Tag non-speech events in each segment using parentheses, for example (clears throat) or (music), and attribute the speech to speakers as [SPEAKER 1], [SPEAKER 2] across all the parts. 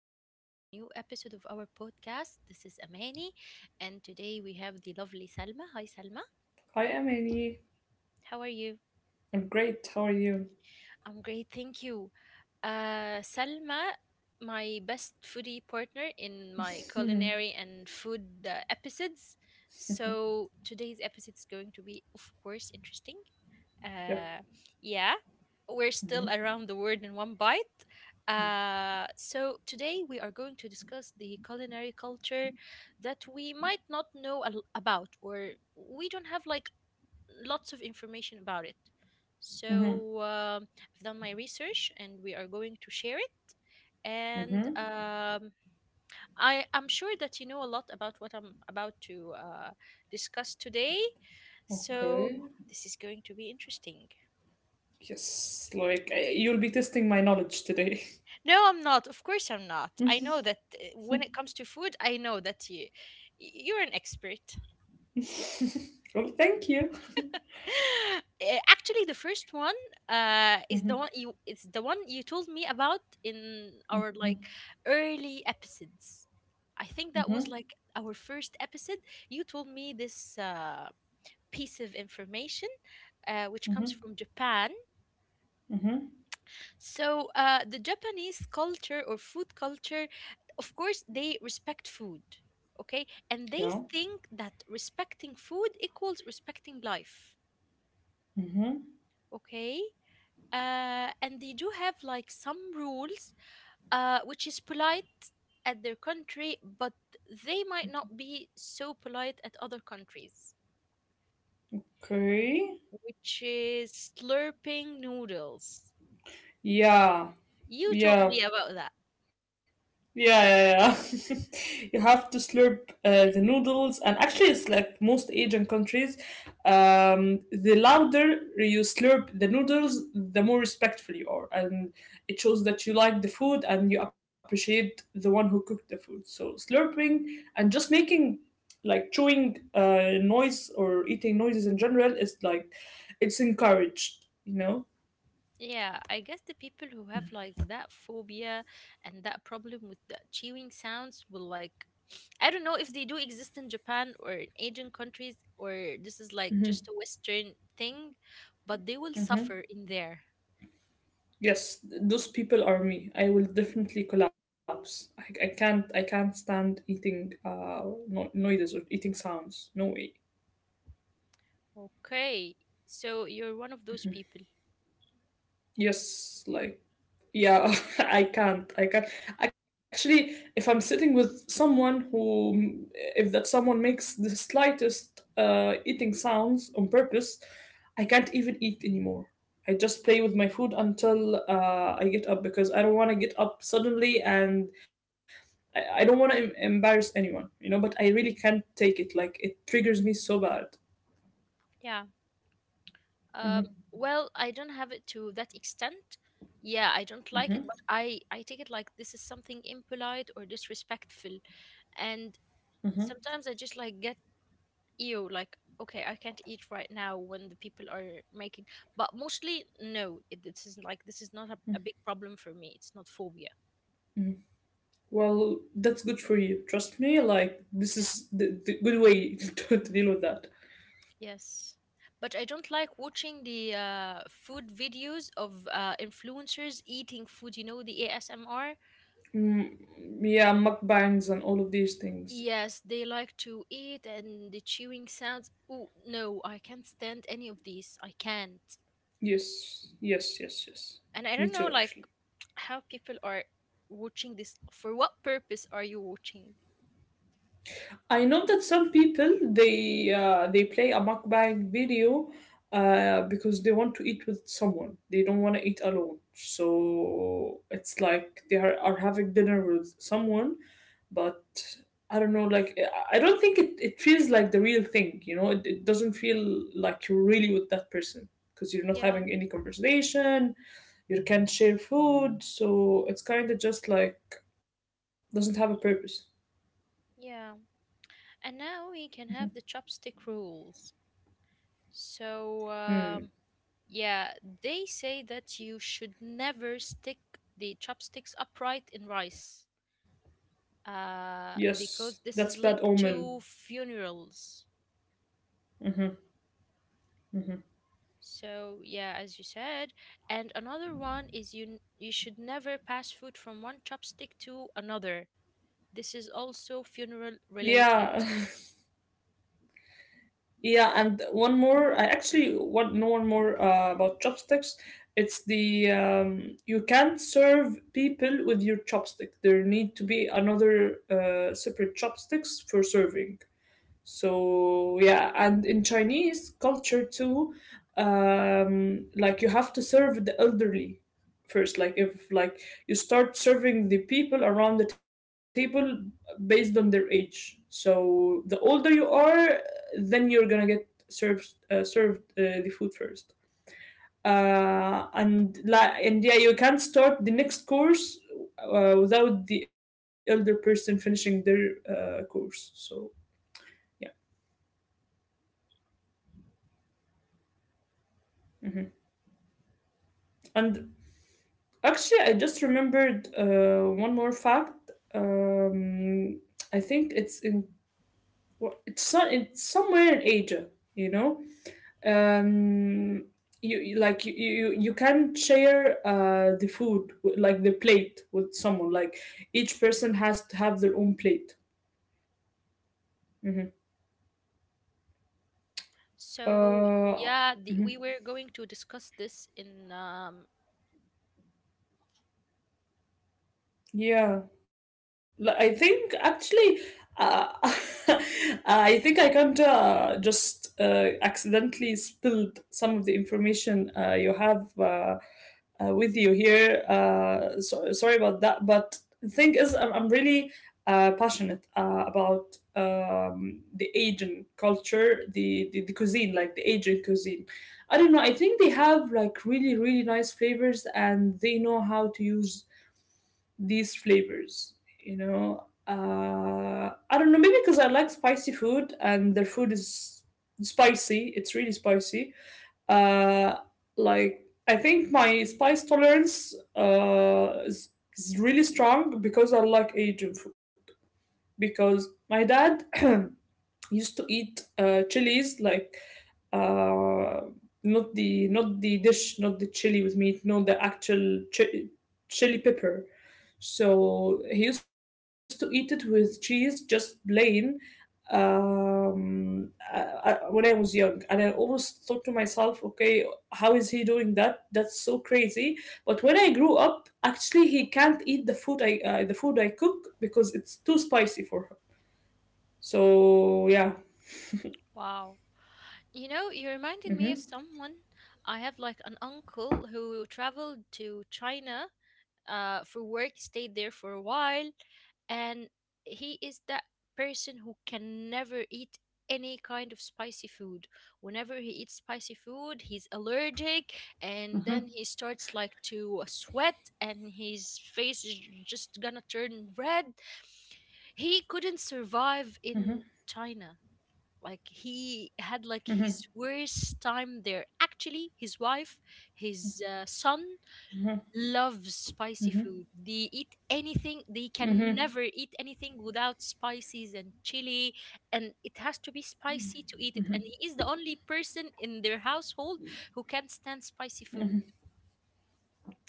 [SPEAKER 1] welcome back to a new episode of our podcast. This is Amani, and today we have the lovely Salma. Hi, Salma.
[SPEAKER 2] Hi, Emily.
[SPEAKER 1] How are you?
[SPEAKER 2] I'm great. How are you?
[SPEAKER 1] I'm great, thank you. Salma, my best foodie partner in my culinary and food episodes. So today's episode is going to be, of course, interesting Uh,
[SPEAKER 2] Yep.
[SPEAKER 1] yeah, we're still around
[SPEAKER 2] Mm-hmm.
[SPEAKER 1] the word in one bite. So today we are going to discuss the culinary culture that we might not know about, or we don't have like lots of information about it.
[SPEAKER 2] Mm-hmm.
[SPEAKER 1] So I've done my research, and we are going to share it. And
[SPEAKER 2] Mm-hmm.
[SPEAKER 1] um, I'm sure that you know a lot about what I'm about to discuss today. So
[SPEAKER 2] Okay.
[SPEAKER 1] this is going to be interesting.
[SPEAKER 2] Yes, you'll be testing my knowledge today.
[SPEAKER 1] No, I'm not. Of course, I'm
[SPEAKER 2] (laughs) well,
[SPEAKER 1] not. I know that when it comes to food, I know that you're an expert.
[SPEAKER 2] thank you.
[SPEAKER 1] (laughs) Actually, the first one is the
[SPEAKER 2] Mm-hmm.
[SPEAKER 1] one you it's the one you told me about in our
[SPEAKER 2] Mm-hmm.
[SPEAKER 1] like early episodes. I think that was
[SPEAKER 2] Mm-hmm.
[SPEAKER 1] like our first episode. You told me this piece of information which comes
[SPEAKER 2] Mm-hmm.
[SPEAKER 1] from Japan.
[SPEAKER 2] Mm-hmm.
[SPEAKER 1] So, the Japanese culture or food culture, of course, they respect food, okay? And they
[SPEAKER 2] Yeah.
[SPEAKER 1] think that respecting food equals respecting life,
[SPEAKER 2] Mm-hmm.
[SPEAKER 1] okay? And they do have like some rules, which is polite at their country, but they might not be so polite at other countries,
[SPEAKER 2] Okay.
[SPEAKER 1] which is slurping noodles.
[SPEAKER 2] Yeah.
[SPEAKER 1] You told
[SPEAKER 2] Yeah.
[SPEAKER 1] me about.
[SPEAKER 2] Yeah, yeah, yeah. (laughs) You have to slurp the noodles, and actually, it's like most Asian countries. The louder you slurp the noodles, the more respectful you are, and it shows that you like the food and you appreciate the one who cooked the food. So slurping and just making like chewing noise or eating noises in general is like it's encouraged.
[SPEAKER 1] Yeah, I guess the people who have like that phobia and that problem with the chewing sounds will like (sniffs) I don't know if they do exist in Japan or in Asian countries or this is like just a Western thing, but they will suffer in there.
[SPEAKER 2] Yes, those people are me. I will definitely collapse. I can't, I can't stand eating no, noises or eating sounds. No way.
[SPEAKER 1] Okay, so you're one of those people.
[SPEAKER 2] Yes, like yeah, (laughs) I can't. I can't. Actually, if I'm sitting with someone who, if that someone makes the slightest eating sounds on purpose, I can't even eat anymore. I just play with my food until I get up, because I don't want to get up suddenly and I don't want to embarrass anyone, you know, but I really can't take it. Like, it triggers me so bad.
[SPEAKER 1] Yeah. Um,
[SPEAKER 2] hmm
[SPEAKER 1] well, I don't have it to that extent. Yeah, I don't like it,
[SPEAKER 2] hmm
[SPEAKER 1] but I take it like this is something impolite or disrespectful, and
[SPEAKER 2] hmm
[SPEAKER 1] sometimes I just like get ew, like okay, I can't eat right now when the people are making. But mostly, no, it is like this is not a big problem for me. It's not phobia.
[SPEAKER 2] Well, that's good for you. Trust me, like, this is the good way (laughs) to deal with that.
[SPEAKER 1] Yes. But I don't like watching the food videos of influencers eating food, you know, the ASMR.
[SPEAKER 2] Yeah, mukbangs and all of these things.
[SPEAKER 1] Yes, they like to eat and the chewing sounds. Oh, no, I can't stand any of these. I can't.
[SPEAKER 2] Yes, yes, yes, yes.
[SPEAKER 1] And I
[SPEAKER 2] Me
[SPEAKER 1] don't know,
[SPEAKER 2] too,
[SPEAKER 1] like,
[SPEAKER 2] actually.
[SPEAKER 1] how people are watching this. For what purpose are you watching?
[SPEAKER 2] I know that some people they play a mukbang video because they want to eat with someone. They don't want to eat alone. So it's like are having dinner with someone, but I don't know. Like I don't think it feels like the real thing. You know, it doesn't feel like you're really with that person, because you're not
[SPEAKER 1] Yeah,
[SPEAKER 2] having any conversation. You can't share food, so it's kind of just like doesn't have a purpose.
[SPEAKER 1] yeah. And now we can have the chopstick rules. So,
[SPEAKER 2] Hmm.
[SPEAKER 1] yeah, they say that you should never stick the chopsticks upright in rice
[SPEAKER 2] Yes, that's
[SPEAKER 1] because
[SPEAKER 2] bad
[SPEAKER 1] this is
[SPEAKER 2] omen.
[SPEAKER 1] linked to funerals.
[SPEAKER 2] hmm hmm
[SPEAKER 1] So, yeah, as you said. And another one is you should never pass food from one chopstick to another. This is also funeral
[SPEAKER 2] Yeah,
[SPEAKER 1] related.
[SPEAKER 2] (laughs) yeah, and one more. I actually want know one more about chopsticks. It's the you can't serve people with your chopstick. There need to be another separate chopsticks for serving. So yeah, and in Chinese culture too, like you have to serve the elderly first. Like if like You start serving the people around the table based on their age. So the older you are, then you're gonna get served the food first. And like and Yeah, you can't start the next course without the elder person finishing their course. So yeah, mhm. and Actually, I just remembered one more fact. I think it's in it's somewhere in Asia. You know, um, you can share the food like the plate with someone. Like each person has to have their own plate. Mhm.
[SPEAKER 1] So,
[SPEAKER 2] Uh,
[SPEAKER 1] yeah, the, we were
[SPEAKER 2] mhm.
[SPEAKER 1] going to discuss this in.
[SPEAKER 2] Yeah, I think actually, uh, (laughs) I think I can't just accidentally spilled some of the information you have with you here. So, sorry about that, but the thing is, I'm really passionate about the Asian culture, the cuisine, like the Asian cuisine. I don't know. I think they have like really nice flavors, and they know how to use these flavors, I don't know, maybe because I like spicy food and their food is spicy. It's really spicy. uh like, I think my spice tolerance is really strong because I like Asian food, because my dad (coughs) (clears throat) used to eat chilies like uh, not the dish, not the chili with meat, no, the actual chili pepper. So he used to eat it with cheese, just plain. When I was young, and I always thought to myself, okay, how is he doing that? That's so crazy. But when I grew up, actually, he can't eat the food I cook, because it's too spicy for him. So yeah.
[SPEAKER 1] Wow. You know, you reminded me of
[SPEAKER 2] Mm-hmm.
[SPEAKER 1] someone. I have like an uncle who traveled to China for work, stayed there for a while, and he is that person who can never eat any kind of spicy food. Whenever he eats spicy food, he's allergic, and then
[SPEAKER 2] Mm-hmm.
[SPEAKER 1] he starts like to sweat, and his face is just gonna turn red. He couldn't survive in China, like he had like
[SPEAKER 2] Mm-hmm.
[SPEAKER 1] his worst time there. Actually, his wife, his son loves spicy food. They eat anything, they can never eat anything without spices and chili, and it has to be spicy to eat it, and he is the only person in their household who can stand spicy food.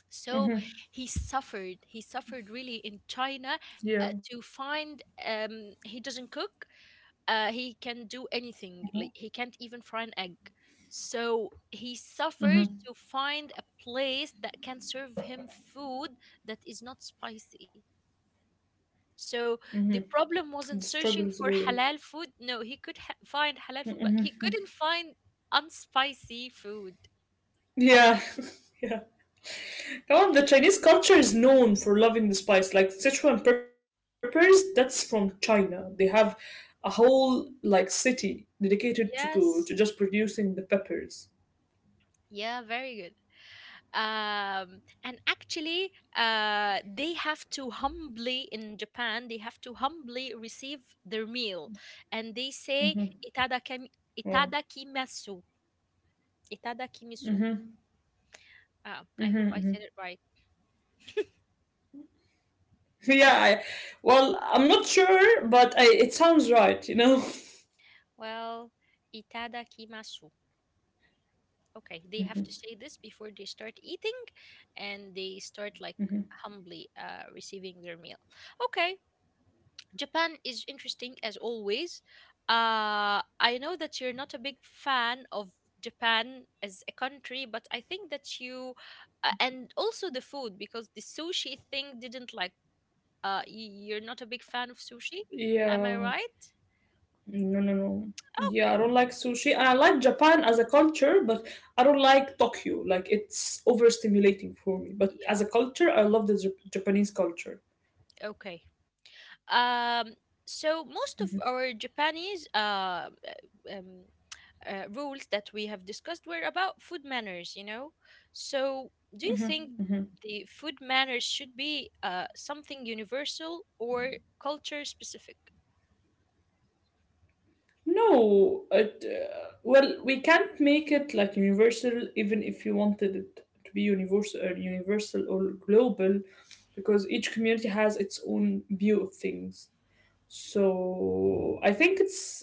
[SPEAKER 1] So he suffered, he suffered really in China
[SPEAKER 2] Yeah.
[SPEAKER 1] to find he doesn't cook. He can do anything. Like he can't even fry an egg. So he suffered to find a place that can serve him food that is not spicy. So the problem
[SPEAKER 2] The
[SPEAKER 1] wasn't
[SPEAKER 2] struggle
[SPEAKER 1] searching
[SPEAKER 2] is
[SPEAKER 1] for
[SPEAKER 2] real.
[SPEAKER 1] halal food. No, he could find halal food, but he couldn't find unspicy food.
[SPEAKER 2] Yeah. (laughs) Yeah. Come on, the Chinese culture is known for loving the spice. Like Sichuan peppers, that's from China. They have a whole like city dedicated to go to just
[SPEAKER 1] Yes.
[SPEAKER 2] producing the peppers.
[SPEAKER 1] Yeah, very good. And actually, they have to humbly, in Japan they have to humbly receive their meal, and they
[SPEAKER 2] Mm-hmm.
[SPEAKER 1] say itadakami,
[SPEAKER 2] Mm.
[SPEAKER 1] itadakimasu, itadakimasu.
[SPEAKER 2] Mm-hmm.
[SPEAKER 1] Ah, I
[SPEAKER 2] Mm-hmm.
[SPEAKER 1] hope I
[SPEAKER 2] Mm-hmm.
[SPEAKER 1] said it right.
[SPEAKER 2] (laughs) Yeah. Well, I'm not sure, but it sounds right. You know. (laughs)
[SPEAKER 1] Well, itadakimasu, okay, they have to say this before they start eating, and they start like humbly receiving their meal. Okay, Japan is interesting as always. I know that you're not a big fan of Japan as a country, but I think that you, and also the food, because the sushi thing didn't like, you're not a big fan of sushi.
[SPEAKER 2] Yeah.
[SPEAKER 1] Am I right?
[SPEAKER 2] No, no, no. Yeah, I don't like
[SPEAKER 1] Okay.
[SPEAKER 2] sushi. And I like Japan as a culture, but I don't like Tokyo. Like, it's overstimulating for me. But as a
[SPEAKER 1] Yeah.
[SPEAKER 2] culture, I love the Japanese culture.
[SPEAKER 1] Okay. Um, so most of our Japanese um, rules that we have discussed were about food manners, you know? So, do you think
[SPEAKER 2] Mhm.
[SPEAKER 1] the food manners should be something universal or culture specific?
[SPEAKER 2] Well, we can't make it like universal, even if you wanted it to be universal, or global, because each community has its own view of things. So I think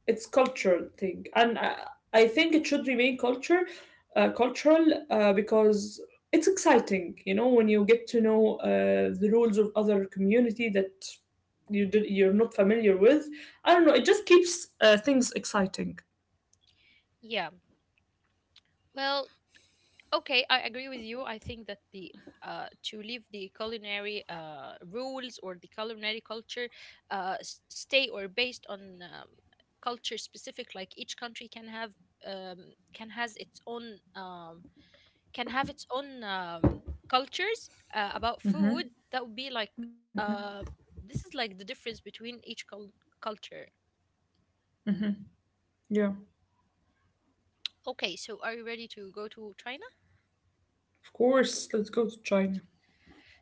[SPEAKER 2] it's cultural thing, and I think it should remain cultural, because it's exciting. You know, when you get to know the rules of other community that you're not familiar with. I don't know. It just keeps things exciting.
[SPEAKER 1] Yeah. Well, okay, I agree with you. I think that the to leave the culinary rules or the culinary culture stay or based on culture specific, like each country can have can has its own, can have its own cultures about food that would be like uh, this is like the difference between each culture.
[SPEAKER 2] Yeah,
[SPEAKER 1] Okay, so are you ready to go to China?
[SPEAKER 2] of course. Let's go to China.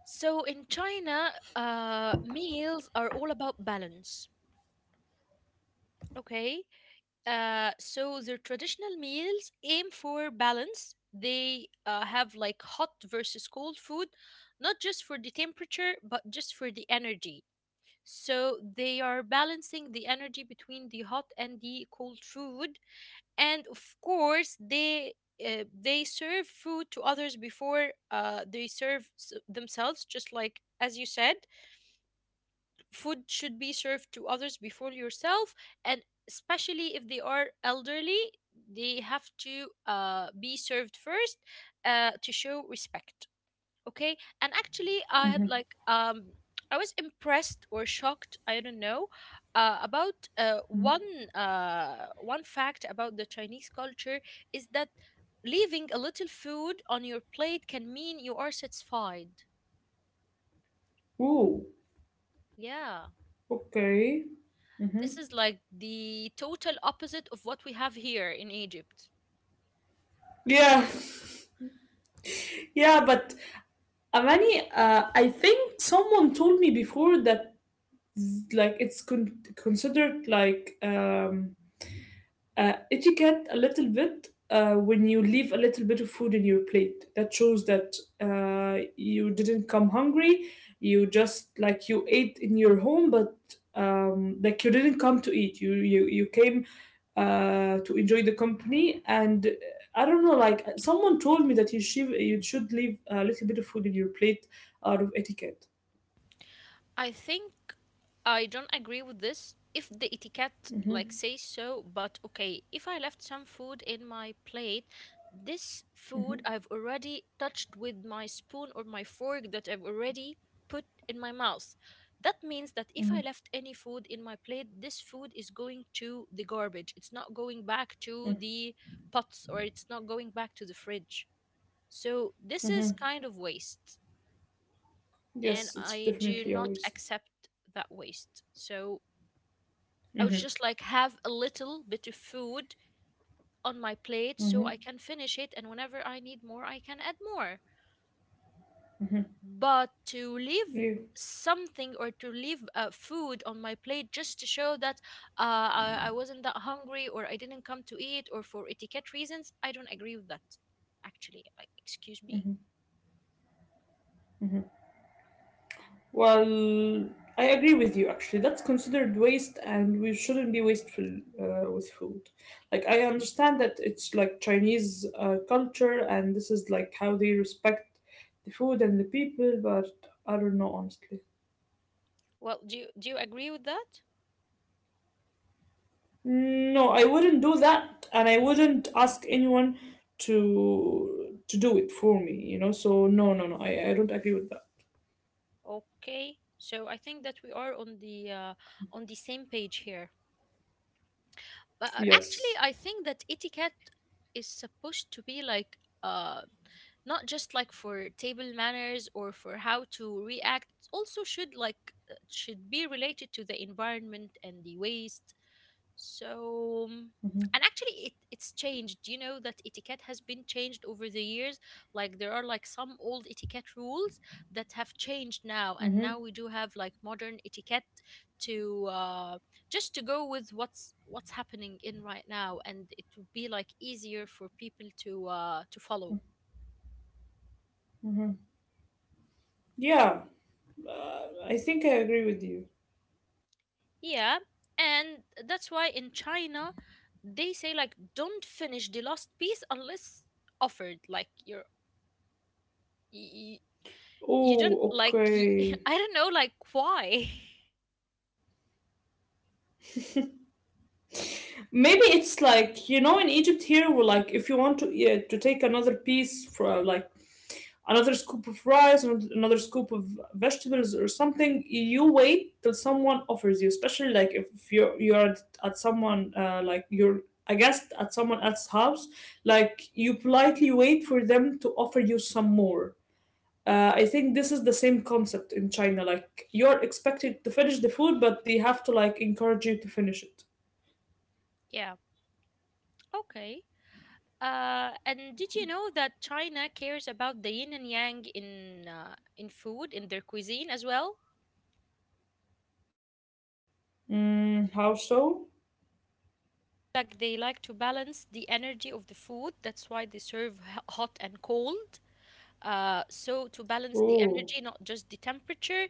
[SPEAKER 1] So in China, meals are all about balance. Okay, so their traditional meals aim for balance. They have like hot versus cold food, not just for the temperature but just for the energy. So they are balancing the energy between the hot and the cold food, and of course they serve food to others before they serve themselves. Just like as you said, food should be served to others before yourself, and especially if they are elderly, they have to be served first to show respect. Okay, and actually I had like I was impressed or shocked, I don't know, about one fact about the Chinese culture, is that leaving a little food on your plate can mean you are satisfied.
[SPEAKER 2] Ooh,
[SPEAKER 1] Yeah,
[SPEAKER 2] okay.
[SPEAKER 1] this is like the total opposite of what we have here in Egypt.
[SPEAKER 2] Yeah,
[SPEAKER 1] 是。
[SPEAKER 2] (laughs) yeah, but Amani, I think someone told me before that like it's considered etiquette a little bit when you leave a little bit of food in your plate. That shows that you didn't come hungry. You just like you ate in your home, but like you didn't come to eat. You came to enjoy the company. And I don't know, like someone told me that you should leave a little bit of food in your plate out of etiquette.
[SPEAKER 1] I think I don't agree with this if the etiquette like says so, but okay, if I left some food in my plate, this food I've already touched with my spoon or my fork that I've already put in my mouth. That means that if
[SPEAKER 2] Mhm,
[SPEAKER 1] I left any food in my plate, this food is going to the garbage. It's not going back to the pots, or it's not going back to the fridge. So this is
[SPEAKER 2] mhm.
[SPEAKER 1] kind of waste, and
[SPEAKER 2] Yes, it's
[SPEAKER 1] I do
[SPEAKER 2] definitely a
[SPEAKER 1] not
[SPEAKER 2] waste.
[SPEAKER 1] accept that waste. So
[SPEAKER 2] Mm-hmm.
[SPEAKER 1] I would just like have a little bit of food on my plate
[SPEAKER 2] Mm-hmm.
[SPEAKER 1] so I can finish it, and whenever I need more, I can add more. But to leave
[SPEAKER 2] Yeah.
[SPEAKER 1] something or to leave food on my plate just to show that uh, I wasn't that hungry or I didn't come to eat or for etiquette reasons, I don't agree with that. Actually, like, excuse me.
[SPEAKER 2] Well, I agree with you actually. That's considered waste, and we shouldn't be wasteful with food. Like, I understand that it's like Chinese culture, and this is like how they respect the food and the people, but I don't know, honestly.
[SPEAKER 1] Well, do you agree with that?
[SPEAKER 2] No, I wouldn't do that, and I wouldn't ask anyone to do it for me, you know? So, no, no, no, I don't agree with that.
[SPEAKER 1] Okay, so I think that we are on the same page here. But
[SPEAKER 2] Yes.
[SPEAKER 1] actually, I think that etiquette is supposed to be like not just like for table manners or for how to react. It also should like should be related to the environment and the waste, so,
[SPEAKER 2] hmm
[SPEAKER 1] and actually, it's changed. You know that etiquette has been changed over the years. Like there are like some old etiquette rules that have changed now, and now we do have like modern etiquette to just to go with what's happening in right now, and it would be like easier for people to follow.
[SPEAKER 2] Yeah, I think I agree with you.
[SPEAKER 1] Yeah, and that's why in China they say like don't finish the last piece unless offered. Like you're. y- you don't
[SPEAKER 2] Oh,
[SPEAKER 1] like
[SPEAKER 2] okay.
[SPEAKER 1] (laughs) I don't know like why.
[SPEAKER 2] Maybe it's like you know in Egypt here, we're like if you want to yeah, to take another piece for like another scoop of rice and another scoop of vegetables or something, you wait till someone offers you. Especially like if you're at someone you're a guest at someone else's house, like you politely wait for them to offer you some more. I think this is the same concept in China. Like you're expected to finish the food, but they have to like encourage you to finish it.
[SPEAKER 1] (laughs) Yeah, okay. And did you know that China cares about the yin and yang in food in their cuisine as well?
[SPEAKER 2] Mm, how so?
[SPEAKER 1] Like they like to balance the energy of the food. That's why they serve hot and cold, so to balance the
[SPEAKER 2] Oh.
[SPEAKER 1] energy, not just the temperature.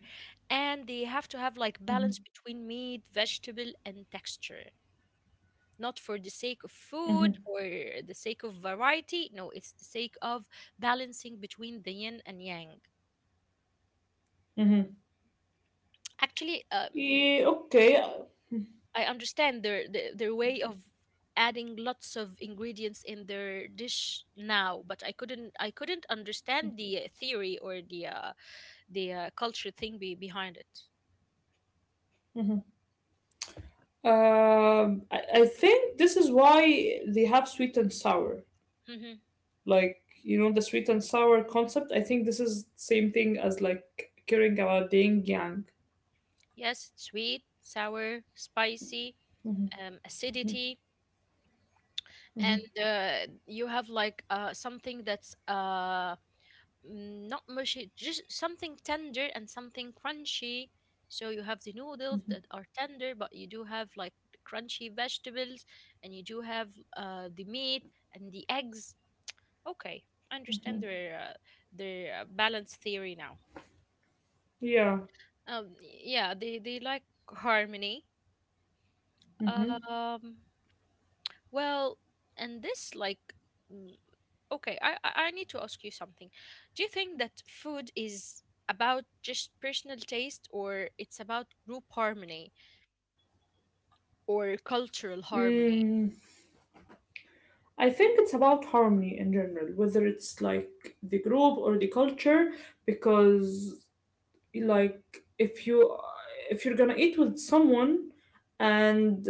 [SPEAKER 1] And they have to have like balance
[SPEAKER 2] Mm-hmm.
[SPEAKER 1] between meat, vegetable and texture, not for the sake of
[SPEAKER 2] Mm-hmm.
[SPEAKER 1] food or the sake of variety. No, it's the sake of balancing between the yin and yang.
[SPEAKER 2] Mm-hmm.
[SPEAKER 1] Actually,
[SPEAKER 2] Yeah, okay. Um,
[SPEAKER 1] I understand their way of adding lots of ingredients in their dish now, but I couldn't understand the theory or the culture thing behind it.
[SPEAKER 2] I, I think this is why they have sweet and sour.
[SPEAKER 1] Hmm
[SPEAKER 2] Like, you know, the sweet and sour concept, I think this is same thing as like caring about the yin yang.
[SPEAKER 1] Yes, it's sweet, sour, spicy, acidity,
[SPEAKER 2] Mm-hmm.
[SPEAKER 1] and you have like something that's not mushy, just something tender and something crunchy. So you have the noodles that are tender, but you do have like crunchy vegetables, and you do have the meat and the eggs. Okay, I understand their balance theory now.
[SPEAKER 2] Yeah.
[SPEAKER 1] Yeah, they like harmony. Um, Well, and this like mm, okay, I need to ask you something. Do you think that food is about just personal taste, or it's about group harmony or cultural harmony?
[SPEAKER 2] Mm. I think it's about harmony in general, whether it's like the group or the culture, because like if you if you're gonna eat with someone, and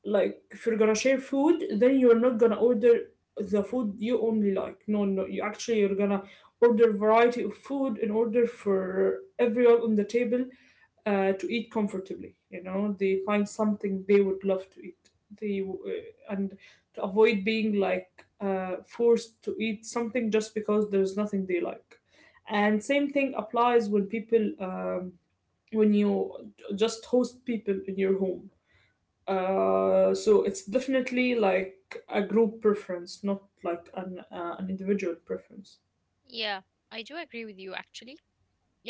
[SPEAKER 2] like if you're gonna share food, then you're not gonna order the food you only like. No, no, you actually, you're gonna order variety of food in order for everyone on the table to eat comfortably, you know, they find something they would love to eat, they and to avoid being like forced to eat something just because there's nothing they like. And same thing applies when people when you just host people in your home, so it's definitely like a group preference, not like an individual preference.
[SPEAKER 1] Yeah, I do agree with you actually.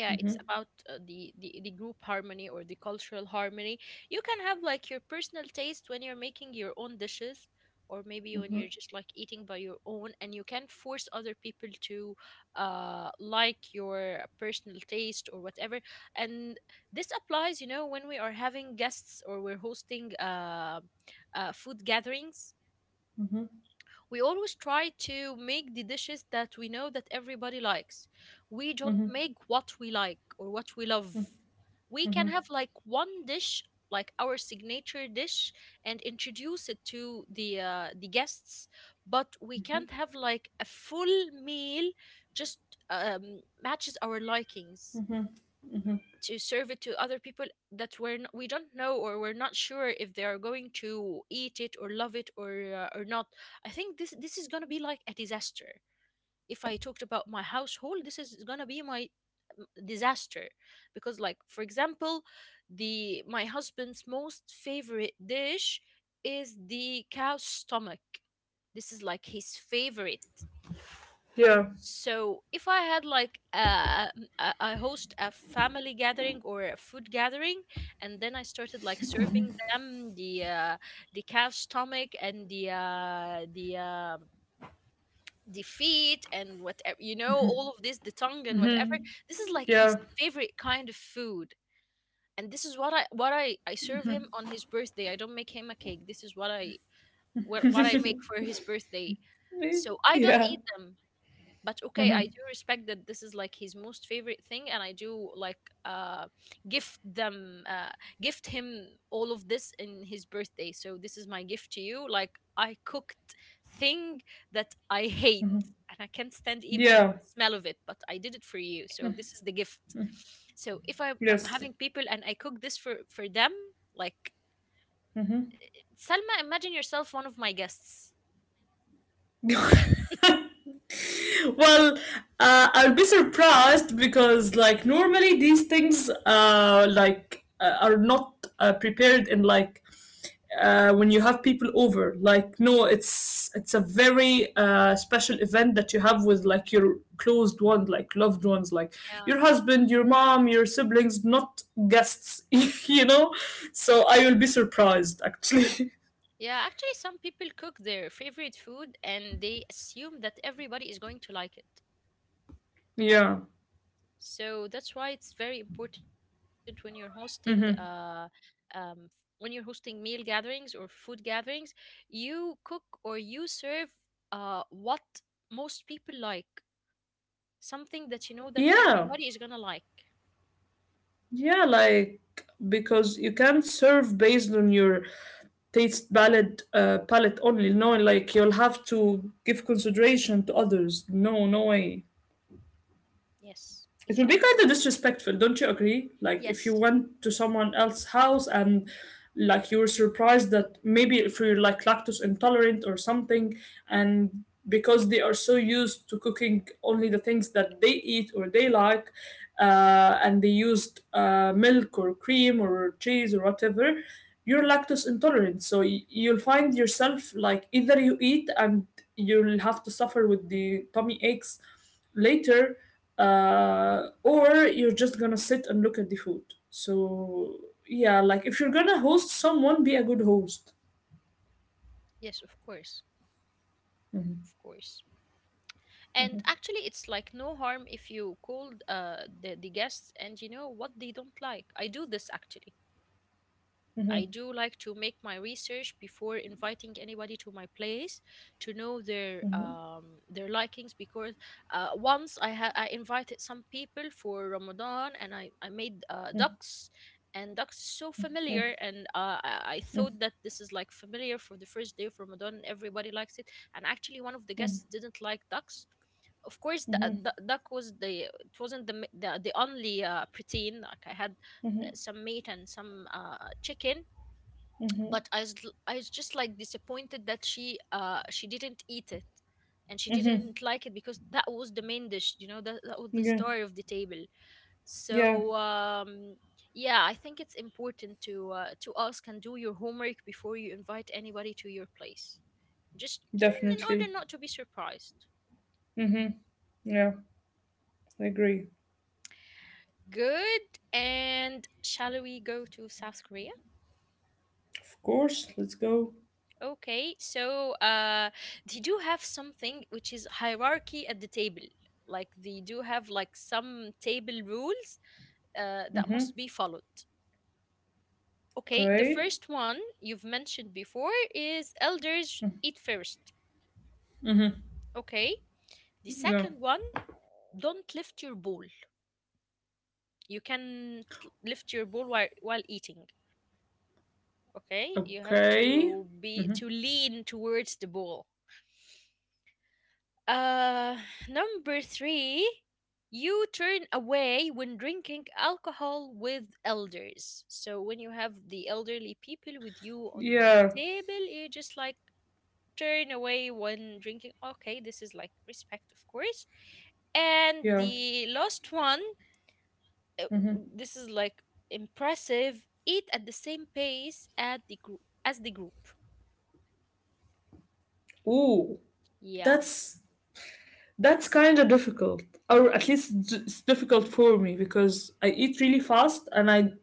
[SPEAKER 1] Yeah, it's
[SPEAKER 2] hmm
[SPEAKER 1] about the group harmony or the cultural harmony. You can have like your personal taste when you're making your own dishes, or maybe when
[SPEAKER 2] hmm
[SPEAKER 1] you're just like eating by your own, and you can not force other people to like your personal taste or whatever. And this applies, when we are having guests or we're hosting food gatherings.
[SPEAKER 2] hmm
[SPEAKER 1] We always try to make the dishes that we know that everybody likes. We don't make what we like or what we love. We can
[SPEAKER 2] hmm
[SPEAKER 1] have like one dish, like our signature dish, and introduce it to the guests. But we can't have like a full meal just matches our likings
[SPEAKER 2] hmm hmm
[SPEAKER 1] to serve it to other people that we don't know, or we're not sure if they are going to eat it or love it or or not. I think this is going to be like a disaster. If I talked about my household, this is going to be my disaster. Because like, for example, the my husband's most favorite dish is the cow's stomach. This is like his favorite.
[SPEAKER 2] yeah.
[SPEAKER 1] So if I had like m- I host a family gathering or a food gathering, and then I started like serving them the calf stomach and the feet and whatever, all of this, the tongue and whatever. This is like his
[SPEAKER 2] Yeah. (laughs)
[SPEAKER 1] favorite kind of food, and this is what I serve him on his birthday. I don't make him a cake. This is what I make for his birthday.
[SPEAKER 2] Eh,
[SPEAKER 1] So I don't
[SPEAKER 2] yeah.
[SPEAKER 1] eat them, but okay, I do respect that this is like his most favorite thing, and I do like gift them uh gift him all of this in his birthday. So this is my gift to you, like, I cooked thing that I hate and I can't stand even
[SPEAKER 2] Yeah.
[SPEAKER 1] smell of it, but I did it for you, so this is the gift. So if I'm having
[SPEAKER 2] Yes.
[SPEAKER 1] people and I cook this for them, like, Salma, imagine yourself one of my guests.
[SPEAKER 2] Well, I'll be surprised because, like, normally these things, like, are not prepared in like when you have people over. Like, no, it's a very special event that you have with like your closed ones, like loved ones, like
[SPEAKER 1] Yeah.
[SPEAKER 2] your husband, your mom, your siblings, not guests. (laughs) You know, so I will be surprised actually.
[SPEAKER 1] Yeah, actually, some people cook their favorite food and they assume that everybody is going to like it.
[SPEAKER 2] (laughs) Yeah.
[SPEAKER 1] So that's why it's very important when you're hosting,
[SPEAKER 2] hmm
[SPEAKER 1] um, f- when you're hosting meal gatherings or food gatherings, you cook or you serve what most people like, something that you know that
[SPEAKER 2] Yeah.
[SPEAKER 1] everybody is gonna like.
[SPEAKER 2] Yeah, like because you can't serve based on your taste palette only. No, like you'll have to give consideration to others. No, no way,
[SPEAKER 1] Yes,
[SPEAKER 2] it will be kind
[SPEAKER 1] exactly.
[SPEAKER 2] of disrespectful, don't you agree? Like if you
[SPEAKER 1] Yes,
[SPEAKER 2] went to someone else's house and like you were surprised that maybe if you're like lactose intolerant or something, and because they are so used to cooking only the things that they eat or they like, and they used milk or cream or cheese or whatever, you're lactose intolerant, so you'll find yourself like either you eat and you'll have to suffer with the tummy aches later, or you're just gonna sit and look at the food. So yeah, like if you're gonna host someone, be a good host.
[SPEAKER 1] yes, of course, of course. And actually, it's like no harm if you called the guests and you know what they don't like. I do this actually. I
[SPEAKER 2] Mm-hmm.
[SPEAKER 1] do like to make my research before inviting anybody to my place to know their
[SPEAKER 2] Mm-hmm.
[SPEAKER 1] um, their likings. Because once I invited some people for Ramadan, and I made ducks. And ducks is so familiar, and I thought that this is like familiar for the first day of Ramadan and everybody likes it. And actually, one of the guests didn't like ducks. Of course, the duck was the it wasn't the only protein like I had. Some meat and some chicken. But I was,
[SPEAKER 2] Mm-hmm.
[SPEAKER 1] l- I was just like disappointed that she didn't eat it. And she didn't like it
[SPEAKER 2] Mm-hmm.
[SPEAKER 1] because that was the main dish, you know, that was the star of the
[SPEAKER 2] Yeah.
[SPEAKER 1] table. So
[SPEAKER 2] Yeah.
[SPEAKER 1] yeah, I think it's important to ask and do your homework before you invite anybody to your place, just in order not to
[SPEAKER 2] Definitely.
[SPEAKER 1] be surprised.
[SPEAKER 2] Mm-hmm. Yeah. I agree.
[SPEAKER 1] Good. And shall we go to South Korea?
[SPEAKER 2] Of course. Let's go.
[SPEAKER 1] Okay, so they do have something which is hierarchy at the table. Like, they do have like some table rules that must be
[SPEAKER 2] Mm-hmm.
[SPEAKER 1] followed. Okay, the
[SPEAKER 2] Okay.
[SPEAKER 1] first one you've mentioned before is elders eat first.
[SPEAKER 2] Mm-hmm.
[SPEAKER 1] Okay, the second
[SPEAKER 2] Yeah.
[SPEAKER 1] one, don't lift your bowl. You can lift your bowl while eating. Okay, you have
[SPEAKER 2] Okay.
[SPEAKER 1] to be
[SPEAKER 2] Mm-hmm.
[SPEAKER 1] to lean towards the bowl. Uh, Number three, you turn away when drinking alcohol with elders. So when you have the elderly people with you on the
[SPEAKER 2] Yeah.
[SPEAKER 1] table, you just like turn away when drinking. Okay, this is like respect, of course. And
[SPEAKER 2] Yeah.
[SPEAKER 1] the last one, this is like impressive. Eat at the same pace at the group as the group.
[SPEAKER 2] Ooh.
[SPEAKER 1] Yeah.
[SPEAKER 2] that's That's kind of difficult, or at least
[SPEAKER 1] Yes.
[SPEAKER 2] it's difficult for me because I eat really fast, and I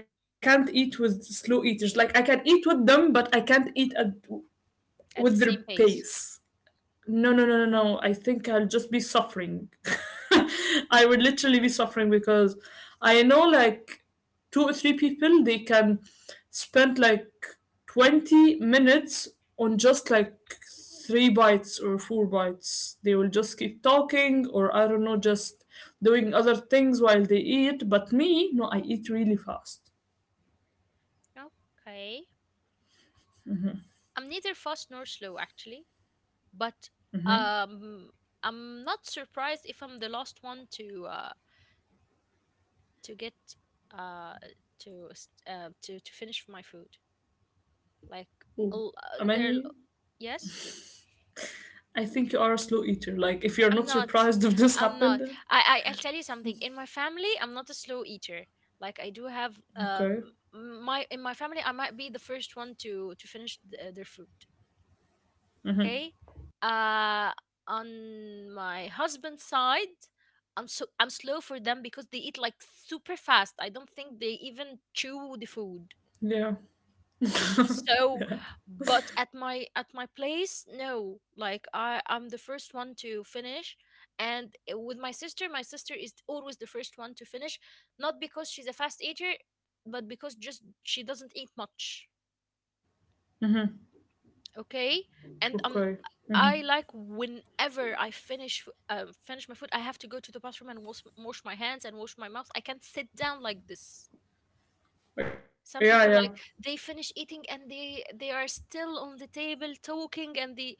[SPEAKER 2] I can't eat with slow eaters. Like I can eat with them, but I can't eat at
[SPEAKER 1] At the
[SPEAKER 2] with their
[SPEAKER 1] same pace.
[SPEAKER 2] pace. No, no, no, no, no, I think I'll just be suffering. (laughs) I would literally be suffering because I know like two or three people, they can spend like 20 minutes on just like three bites or four bites. They will just keep talking or I don't know, just doing other things while they eat. But me, no, I eat really fast.
[SPEAKER 1] Okay. I'm neither fast nor slow, actually, but um, I'm not surprised if I'm the last one to to get uh, to finish my food. Like,
[SPEAKER 2] Oh,
[SPEAKER 1] l- uh, there,
[SPEAKER 2] Amani,
[SPEAKER 1] yes,
[SPEAKER 2] I think you are a slow eater. Like if you're
[SPEAKER 1] I'm
[SPEAKER 2] not
[SPEAKER 1] not.
[SPEAKER 2] surprised (laughs) if this
[SPEAKER 1] I'm
[SPEAKER 2] happened.
[SPEAKER 1] not. I'll tell you something. In my family, I'm not a slow eater. Like, I do have
[SPEAKER 2] Okay.
[SPEAKER 1] my in my family, I might be the first one to finish their food.
[SPEAKER 2] Mm-hmm.
[SPEAKER 1] Okay. uh on my husband's side, I'm slow for them because they eat like super fast. I don't think they even chew the food.
[SPEAKER 2] Yeah. Yeah.
[SPEAKER 1] So, but at my place, no, like, I'm the first one to finish. And with my sister is always the first one to finish, not because she's a fast eater, but because just she doesn't eat much. Okay. And
[SPEAKER 2] Okay.
[SPEAKER 1] I like,
[SPEAKER 2] Hmm.
[SPEAKER 1] whenever I finish my food, I have to go to the bathroom and wash my hands and wash my mouth. I can't sit down like this. Some
[SPEAKER 2] Yeah,
[SPEAKER 1] people
[SPEAKER 2] yeah,
[SPEAKER 1] like, they finish eating and they are still on the table talking, and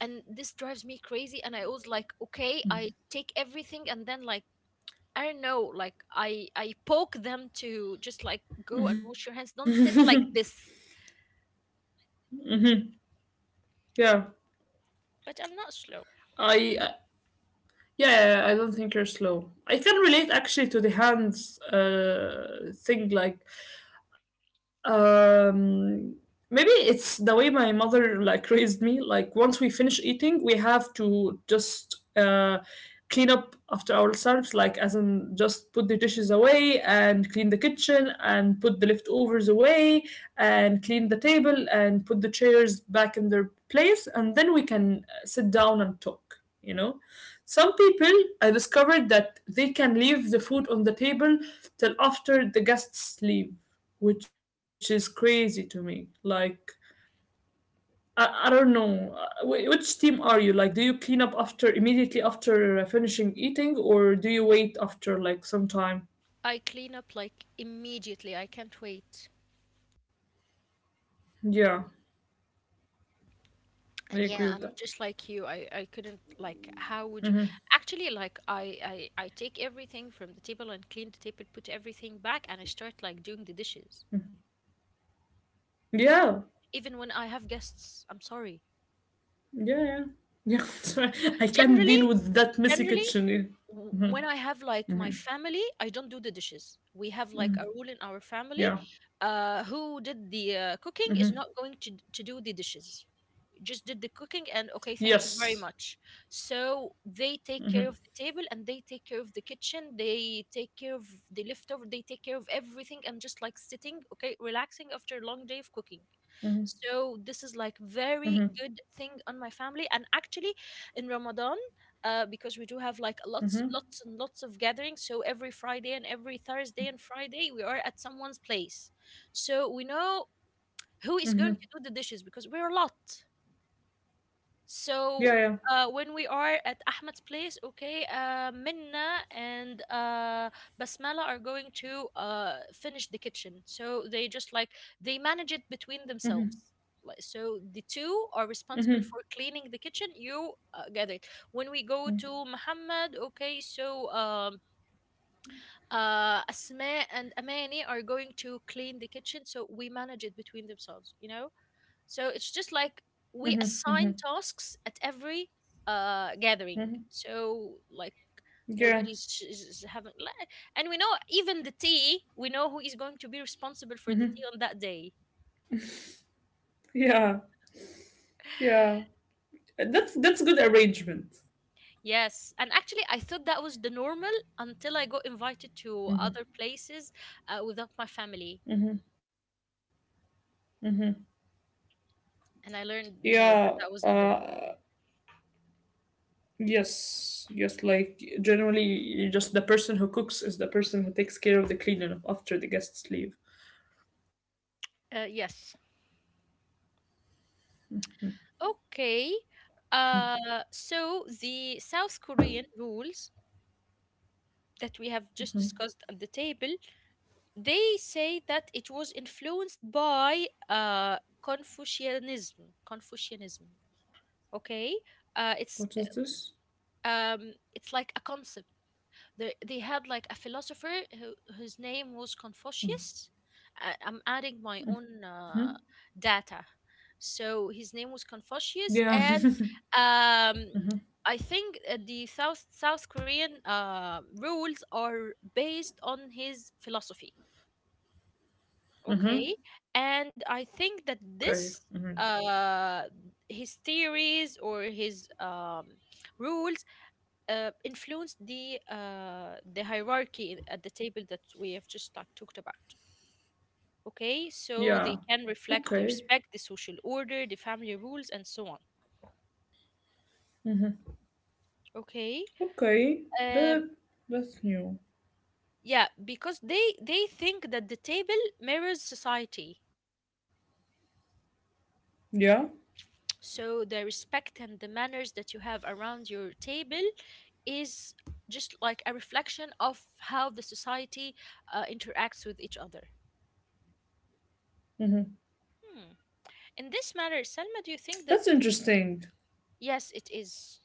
[SPEAKER 1] and this drives me crazy. And I was like, okay, I take everything, and then, like, I don't know, like, I poke them to just like go and wash your hands, don't sit like this.
[SPEAKER 2] yeah.
[SPEAKER 1] But I'm not slow.
[SPEAKER 2] I yeah, I don't think you're slow. I can relate actually to the hands thing. Like um, maybe it's the way my mother like raised me. Like once we finish eating, we have to just clean up after ourselves, like as in just put the dishes away and clean the kitchen and put the leftovers away and clean the table and put the chairs back in their place, and then we can sit down and talk, you know. Some people, I discovered that they can leave the food on the table till after the guests leave, which is crazy to me. Like I don't know. Which team are you? Like, do you clean up after immediately after finishing eating, or do you wait after like some time?
[SPEAKER 1] I clean up like immediately. I can't wait.
[SPEAKER 2] Yeah, I
[SPEAKER 1] And
[SPEAKER 2] agree with
[SPEAKER 1] yeah,
[SPEAKER 2] that.
[SPEAKER 1] I'm just like you. I couldn't like, how would you actually, like, I take everything from the table and clean the table, put everything back, and I start like doing the dishes.
[SPEAKER 2] Yeah,
[SPEAKER 1] Even when I have guests, I'm sorry.
[SPEAKER 2] yeah, yeah. Yeah, (laughs) sorry. I can't
[SPEAKER 1] Generally,
[SPEAKER 2] deal with that messy
[SPEAKER 1] generally
[SPEAKER 2] kitchen. Mhm.
[SPEAKER 1] when I have like my family, I don't do the dishes. We have like a rule in our family:
[SPEAKER 2] Yeah.
[SPEAKER 1] who did the cooking is not going to do the dishes. Just did the cooking, and okay, thank you
[SPEAKER 2] Yes.
[SPEAKER 1] very much. So they take care of the table, and they take care of the kitchen, they take care of the leftover, they take care of everything, and just like sitting, okay, relaxing after a long day of cooking.
[SPEAKER 2] Mm-hmm.
[SPEAKER 1] So this is like
[SPEAKER 2] Mm-hmm.
[SPEAKER 1] very good thing on my family. And actually, in Ramadan, because we do have like lots,
[SPEAKER 2] Mm-hmm.
[SPEAKER 1] lots, and lots of gatherings, so every Friday and every Thursday and Friday, we are at someone's place. So we know who is going to do the dishes, because we're a lot.
[SPEAKER 2] Yeah, yeah.
[SPEAKER 1] So when we are at Ahmed's place, okay, Minna and Basmala are going to finish the kitchen. So they just like, they manage it between themselves. Like, so the two are responsible for cleaning the kitchen. You get it. When we go to Muhammad, okay, so Asma and Amani are going to clean the kitchen. So we manage it between themselves. You know. So it's just like, we assign tasks at every
[SPEAKER 2] Mm-hmm.
[SPEAKER 1] gathering. So like,
[SPEAKER 2] Yeah.
[SPEAKER 1] nobody's is having, and we know even the tea. We know who is going to be responsible for the tea on that day.
[SPEAKER 2] Yeah, yeah.
[SPEAKER 1] (sighs)
[SPEAKER 2] That's good arrangement.
[SPEAKER 1] Yes, and actually, I thought that was the normal until I got invited to other places without my family, and I learned no, that
[SPEAKER 2] Yeah.
[SPEAKER 1] that wasn't the.
[SPEAKER 2] Uh, yes, yes. Like generally, you just the person who cooks is the person who takes care of the cleaning up after the guests leave.
[SPEAKER 1] Norm. Yes. Okay. So the South Korean rules that we have just discussed at the table, they say that it was influenced by Confucianism. Confucianism. Okay, uh, it's
[SPEAKER 2] What is this?
[SPEAKER 1] it's like a concept. They had like a philosopher whose name was Confucius. I'm adding my own data, so his name was Confucius,
[SPEAKER 2] Yeah.
[SPEAKER 1] and um, I think the South Korean rules are based on his philosophy. Okay, and I
[SPEAKER 2] (laughs) Okay.
[SPEAKER 1] think that this uh his theories or his rules influenced the hierarchy at the table that we have just talked about. Okay, so
[SPEAKER 2] Yeah.
[SPEAKER 1] they can reflect the
[SPEAKER 2] Okay.
[SPEAKER 1] respect, the social order, the family rules, and so on. Okay,
[SPEAKER 2] Okay.
[SPEAKER 1] um,
[SPEAKER 2] That that's new.
[SPEAKER 1] yeah, because they think that the table mirrors society.
[SPEAKER 2] Yeah.
[SPEAKER 1] So the respect and the manners that you have around your table is just like a reflection of how the society interacts with each other.
[SPEAKER 2] Mm-hmm.
[SPEAKER 1] Hmm. In this matter, Selma, do you think that...
[SPEAKER 2] That's interesting.
[SPEAKER 1] Yes, it is.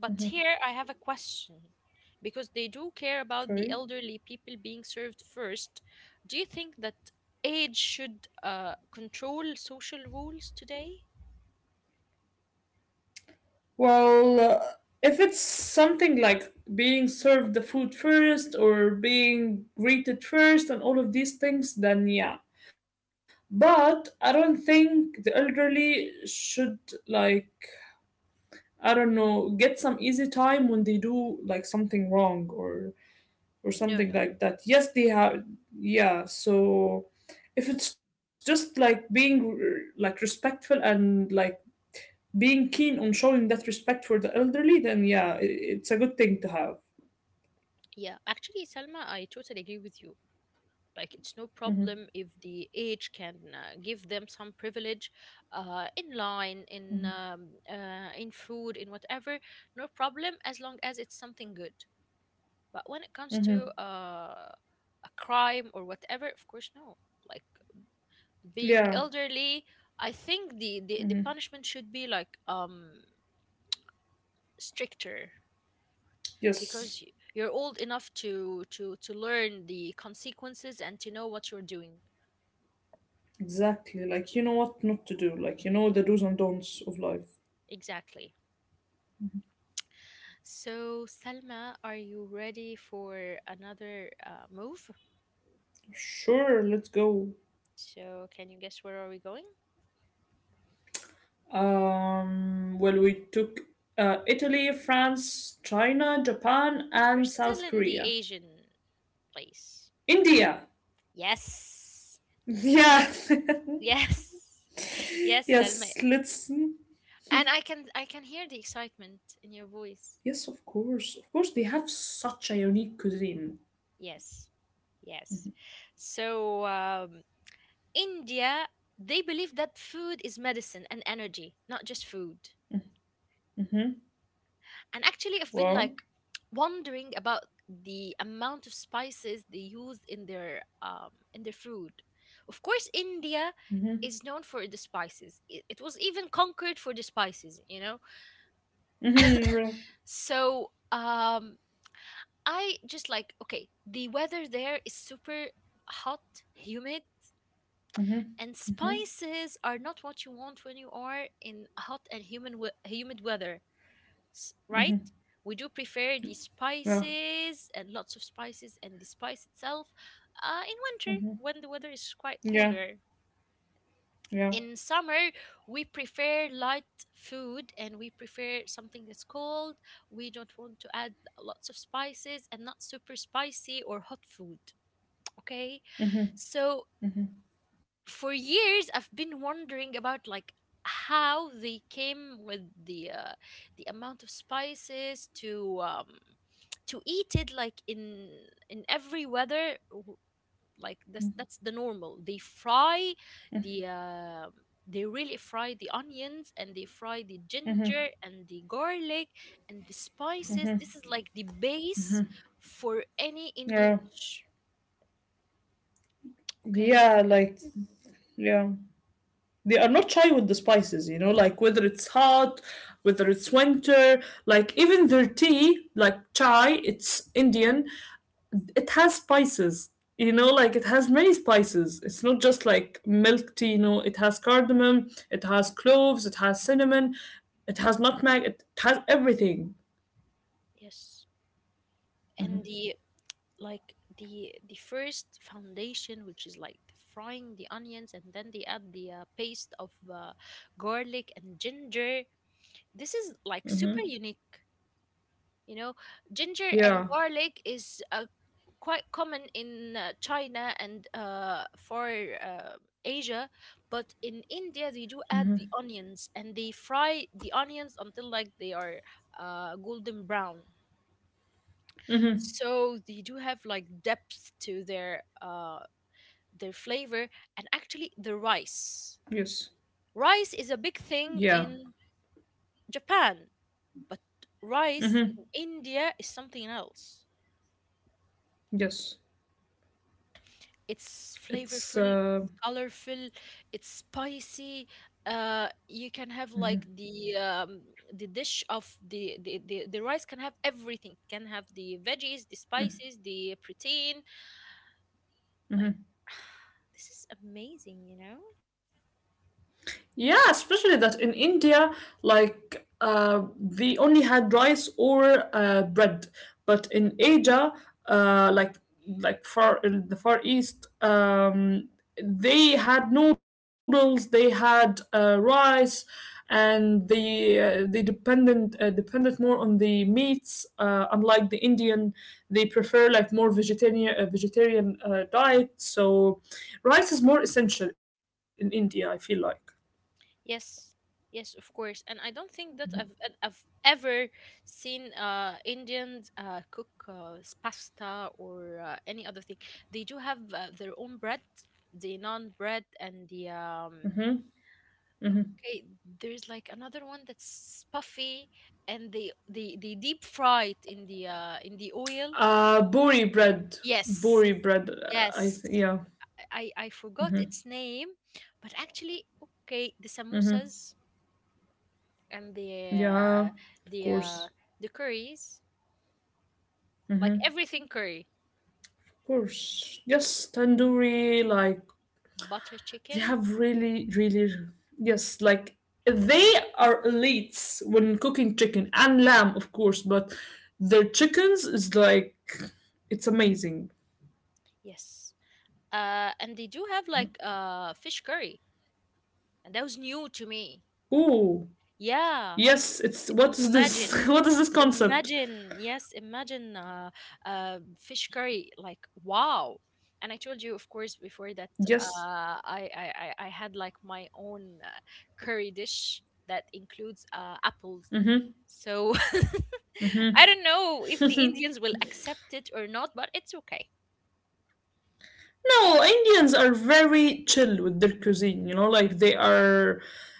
[SPEAKER 1] But here I have a question. Because they do care about the
[SPEAKER 2] Okay.
[SPEAKER 1] elderly people being served first, do you think that age should control social rules today?
[SPEAKER 2] Well, if it's something like being served the food first or being greeted first and all of these things, then yeah. But I don't think the elderly should, like, I don't know, get some easy time when they do, like, something wrong or
[SPEAKER 1] No,
[SPEAKER 2] something
[SPEAKER 1] no.
[SPEAKER 2] like that. Yes, they have, yeah, so if it's just like being like respectful and like being keen on showing that respect for the elderly, then yeah, it's a good thing to have.
[SPEAKER 1] Yeah, actually, Salma, I totally agree with you. Like, it's no problem if
[SPEAKER 2] Hmm.
[SPEAKER 1] the age can give them some privilege in line,
[SPEAKER 2] Hmm.
[SPEAKER 1] in food, in whatever. No problem as long as it's something good. But when it comes
[SPEAKER 2] Hmm.
[SPEAKER 1] to a crime or whatever, of course, no. Like being
[SPEAKER 2] Yeah.
[SPEAKER 1] elderly, I think the
[SPEAKER 2] Hmm.
[SPEAKER 1] punishment should be like stricter because
[SPEAKER 2] Yes.
[SPEAKER 1] you're old enough to learn the consequences and to know what you're doing
[SPEAKER 2] Exactly. Like you know what not to do. Like you know the do's and don'ts of life.
[SPEAKER 1] exactly. So, Salma, are you ready for another move?
[SPEAKER 2] Sure, let's go.
[SPEAKER 1] So can you guess where are we going?
[SPEAKER 2] Well, we took Italy, France, China, Japan,
[SPEAKER 1] We're
[SPEAKER 2] and
[SPEAKER 1] still in
[SPEAKER 2] South
[SPEAKER 1] the
[SPEAKER 2] Korea.
[SPEAKER 1] Asian place.
[SPEAKER 2] India.
[SPEAKER 1] Yes.
[SPEAKER 2] Yeah.
[SPEAKER 1] Yes. (laughs)
[SPEAKER 2] (laughs)
[SPEAKER 1] Yes, Salma.
[SPEAKER 2] Yes. Let's.
[SPEAKER 1] And I can hear the excitement in your voice.
[SPEAKER 2] Yes, of course. Of course, they have such a unique cuisine.
[SPEAKER 1] Yes. Yes. so um India, they believe that food is medicine and energy, not just food.
[SPEAKER 2] Mm-hmm.
[SPEAKER 1] And actually, I've been like
[SPEAKER 2] Wow.
[SPEAKER 1] wondering about the amount of spices they use in their food. Of course, India
[SPEAKER 2] Mm-hmm.
[SPEAKER 1] is known for the spices. It was even conquered for the spices, you know.
[SPEAKER 2] Mm-hmm.
[SPEAKER 1] So um, I just like, okay, the weather there is super hot, humid,
[SPEAKER 2] Mm-hmm.
[SPEAKER 1] and spices are not what you want when you are in hot and humid weather. Right, we do prefer the
[SPEAKER 2] Yeah.
[SPEAKER 1] spices and lots of spices and the spice itself in winter when the weather is quite
[SPEAKER 2] Yeah.
[SPEAKER 1] cooler.
[SPEAKER 2] Yeah.
[SPEAKER 1] In summer we prefer light food and we prefer something that's cold. We don't want to add lots of spices and not super spicy or hot food. Okay, so for years I've been wondering about like how they came with the amount of spices to eat it like in every weather like that's the normal. They fry the um they really fry the onions and they fry the ginger and the garlic and the spices. This is like the base for any
[SPEAKER 2] Yeah.
[SPEAKER 1] Indian dish. Okay.
[SPEAKER 2] Yeah. Like, yeah. They are not shy with the spices, you know, like whether it's hot, whether it's winter, like even their tea, like chai, it's Indian, it has spices, you know, like it has many spices. It's not just like milk tea, you know, it has cardamom, it has cloves, it has cinnamon, it has nutmeg, it has everything.
[SPEAKER 1] Yes, and the like the first foundation, which is like frying the onions and then they add the paste of garlic and ginger. This is like super unique, you know. Ginger and
[SPEAKER 2] Yeah.
[SPEAKER 1] garlic is quite common in China and for uh, Asia. But in India they do add the onions and they fry the onions until like they are golden brown.
[SPEAKER 2] Mm-hmm.
[SPEAKER 1] So they do have like depth to their flavor, and actually the rice.
[SPEAKER 2] Yes.
[SPEAKER 1] Rice is a big
[SPEAKER 2] Yeah.
[SPEAKER 1] thing in Japan, but rice in
[SPEAKER 2] Mm-hmm.
[SPEAKER 1] India is something else.
[SPEAKER 2] Yes,
[SPEAKER 1] It's flavorful,
[SPEAKER 2] it's
[SPEAKER 1] it's colorful, it's spicy. You can have like the dish of the rice can have everything. It can have the veggies, the spices, the protein. Like (sighs) this is amazing, you know.
[SPEAKER 2] Yeah, especially that in India, like we only had rice or bread, but in Asia, uh, like like far in the Far East, they had noodles, they had rice, and they dependent depended more on the meats. Unlike the Indian, they prefer like more vegetarian diet. So, rice is more essential in India. I feel like.
[SPEAKER 1] Yes, yes, of course. And I don't think that I've ever seen Indians cook pasta or any other thing. They do have their own bread, the naan bread and the okay, there's like another one that's puffy and they deep fry it in the oil.
[SPEAKER 2] Buri bread.
[SPEAKER 1] Yes.
[SPEAKER 2] Buri bread. I
[SPEAKER 1] Yes.
[SPEAKER 2] think. Yeah.
[SPEAKER 1] I forgot its name, but actually okay, the samosas and
[SPEAKER 2] Yeah.
[SPEAKER 1] uh,
[SPEAKER 2] Of
[SPEAKER 1] the
[SPEAKER 2] course.
[SPEAKER 1] uh, the curries, like everything curry,
[SPEAKER 2] Of course. Yes. Tandoori. Like,
[SPEAKER 1] butter
[SPEAKER 2] they
[SPEAKER 1] chicken,
[SPEAKER 2] have really, really. Yes. Like, they are elites when cooking chicken and lamb, of course, but their chickens is like. It's amazing.
[SPEAKER 1] yes. And they do have like fish curry, and that was new to me.
[SPEAKER 2] Ooh.
[SPEAKER 1] Yeah,
[SPEAKER 2] Yes. It's. What is
[SPEAKER 1] imagine
[SPEAKER 2] this? (laughs) What is this concept?
[SPEAKER 1] imagine yes, imagine fish curry, like wow. And I told you of course before that
[SPEAKER 2] Yes.
[SPEAKER 1] I had like my own curry dish that includes apples,
[SPEAKER 2] Mm-hmm.
[SPEAKER 1] so (laughs) I don't know if the Indians will accept it or not, but it's okay.
[SPEAKER 2] No, Indians are very chill with their cuisine, you know, like they are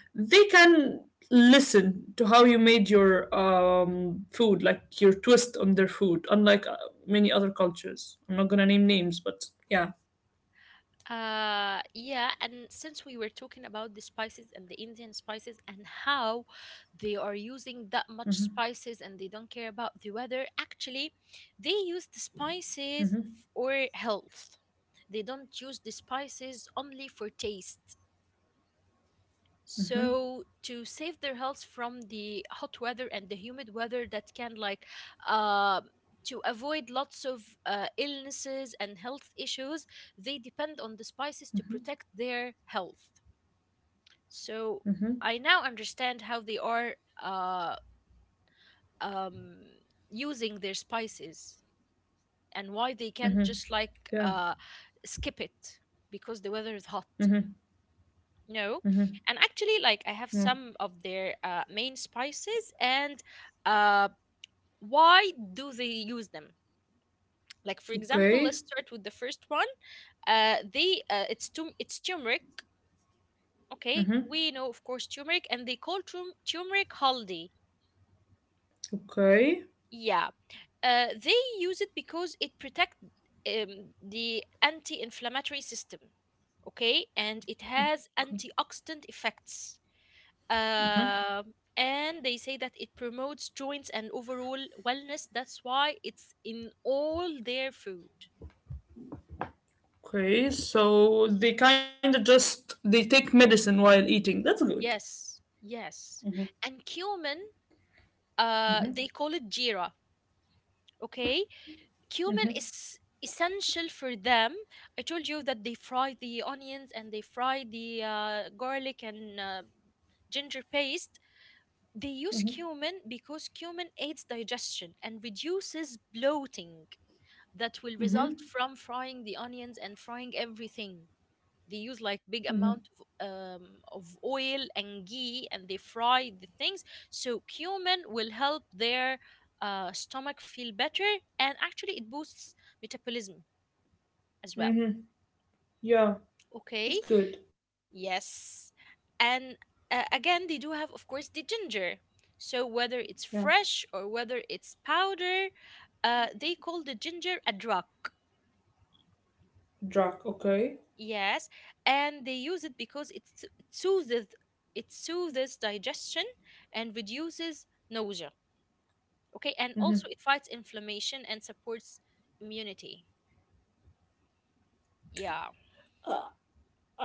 [SPEAKER 2] they can listen to how you made your food, like your twist on their food, unlike many other cultures. I'm not gonna name names, but yeah.
[SPEAKER 1] Yeah, and since we were talking about the spices and the Indian spices and how they are using that much spices and they don't care about the weather, actually, they use the spices for health. They don't use the spices only for taste.
[SPEAKER 2] Mm-hmm.
[SPEAKER 1] So to save their health from the hot weather and the humid weather that can like uh, to avoid lots of illnesses and health issues, they depend on the spices to protect their health.
[SPEAKER 2] Mm-hmm.
[SPEAKER 1] So I now understand how they are uh, um, using their spices and why they
[SPEAKER 2] Mm-hmm.
[SPEAKER 1] can't just like
[SPEAKER 2] Yeah.
[SPEAKER 1] uh, skip it because the weather is hot.
[SPEAKER 2] Mm-hmm. Mm-hmm.
[SPEAKER 1] No. And actually, like I
[SPEAKER 2] Yeah.
[SPEAKER 1] have some of their main spices and uh, why do they use them? Like for example, let's
[SPEAKER 2] Okay.
[SPEAKER 1] start with the first one. It's turmeric. Okay,
[SPEAKER 2] Mm-hmm.
[SPEAKER 1] we know of course turmeric, and they call turmeric haldi.
[SPEAKER 2] Okay.
[SPEAKER 1] Yeah, they use it because it protect the anti-inflammatory system. Okay, and it has
[SPEAKER 2] Okay.
[SPEAKER 1] antioxidant effects. And they say that it promotes joints and overall wellness. That's why it's in all their food.
[SPEAKER 2] Okay. So they kind of just they take medicine while eating. That's good.
[SPEAKER 1] Yes, yes. And cumin, they call it jira. Okay, cumin is essential for them. I told you that they fry the onions and they fry the garlic and ginger paste. They use cumin because cumin aids digestion and reduces bloating that will result from frying the onions and frying everything. They use like big amount of oil and ghee, and they fry the things. So cumin will help their stomach feel better, and actually it boosts metabolism as well.
[SPEAKER 2] Mm-hmm. Yeah.
[SPEAKER 1] Okay,
[SPEAKER 2] That's good.
[SPEAKER 1] yes, and again they do have, of course, the ginger. So whether it's
[SPEAKER 2] Yeah.
[SPEAKER 1] fresh or whether it's powder, they call the ginger a drug.
[SPEAKER 2] Drac, okay.
[SPEAKER 1] Yes, and they use it because it soothes digestion and reduces nausea. Okay, and also it fights inflammation and supports immunity. Yeah.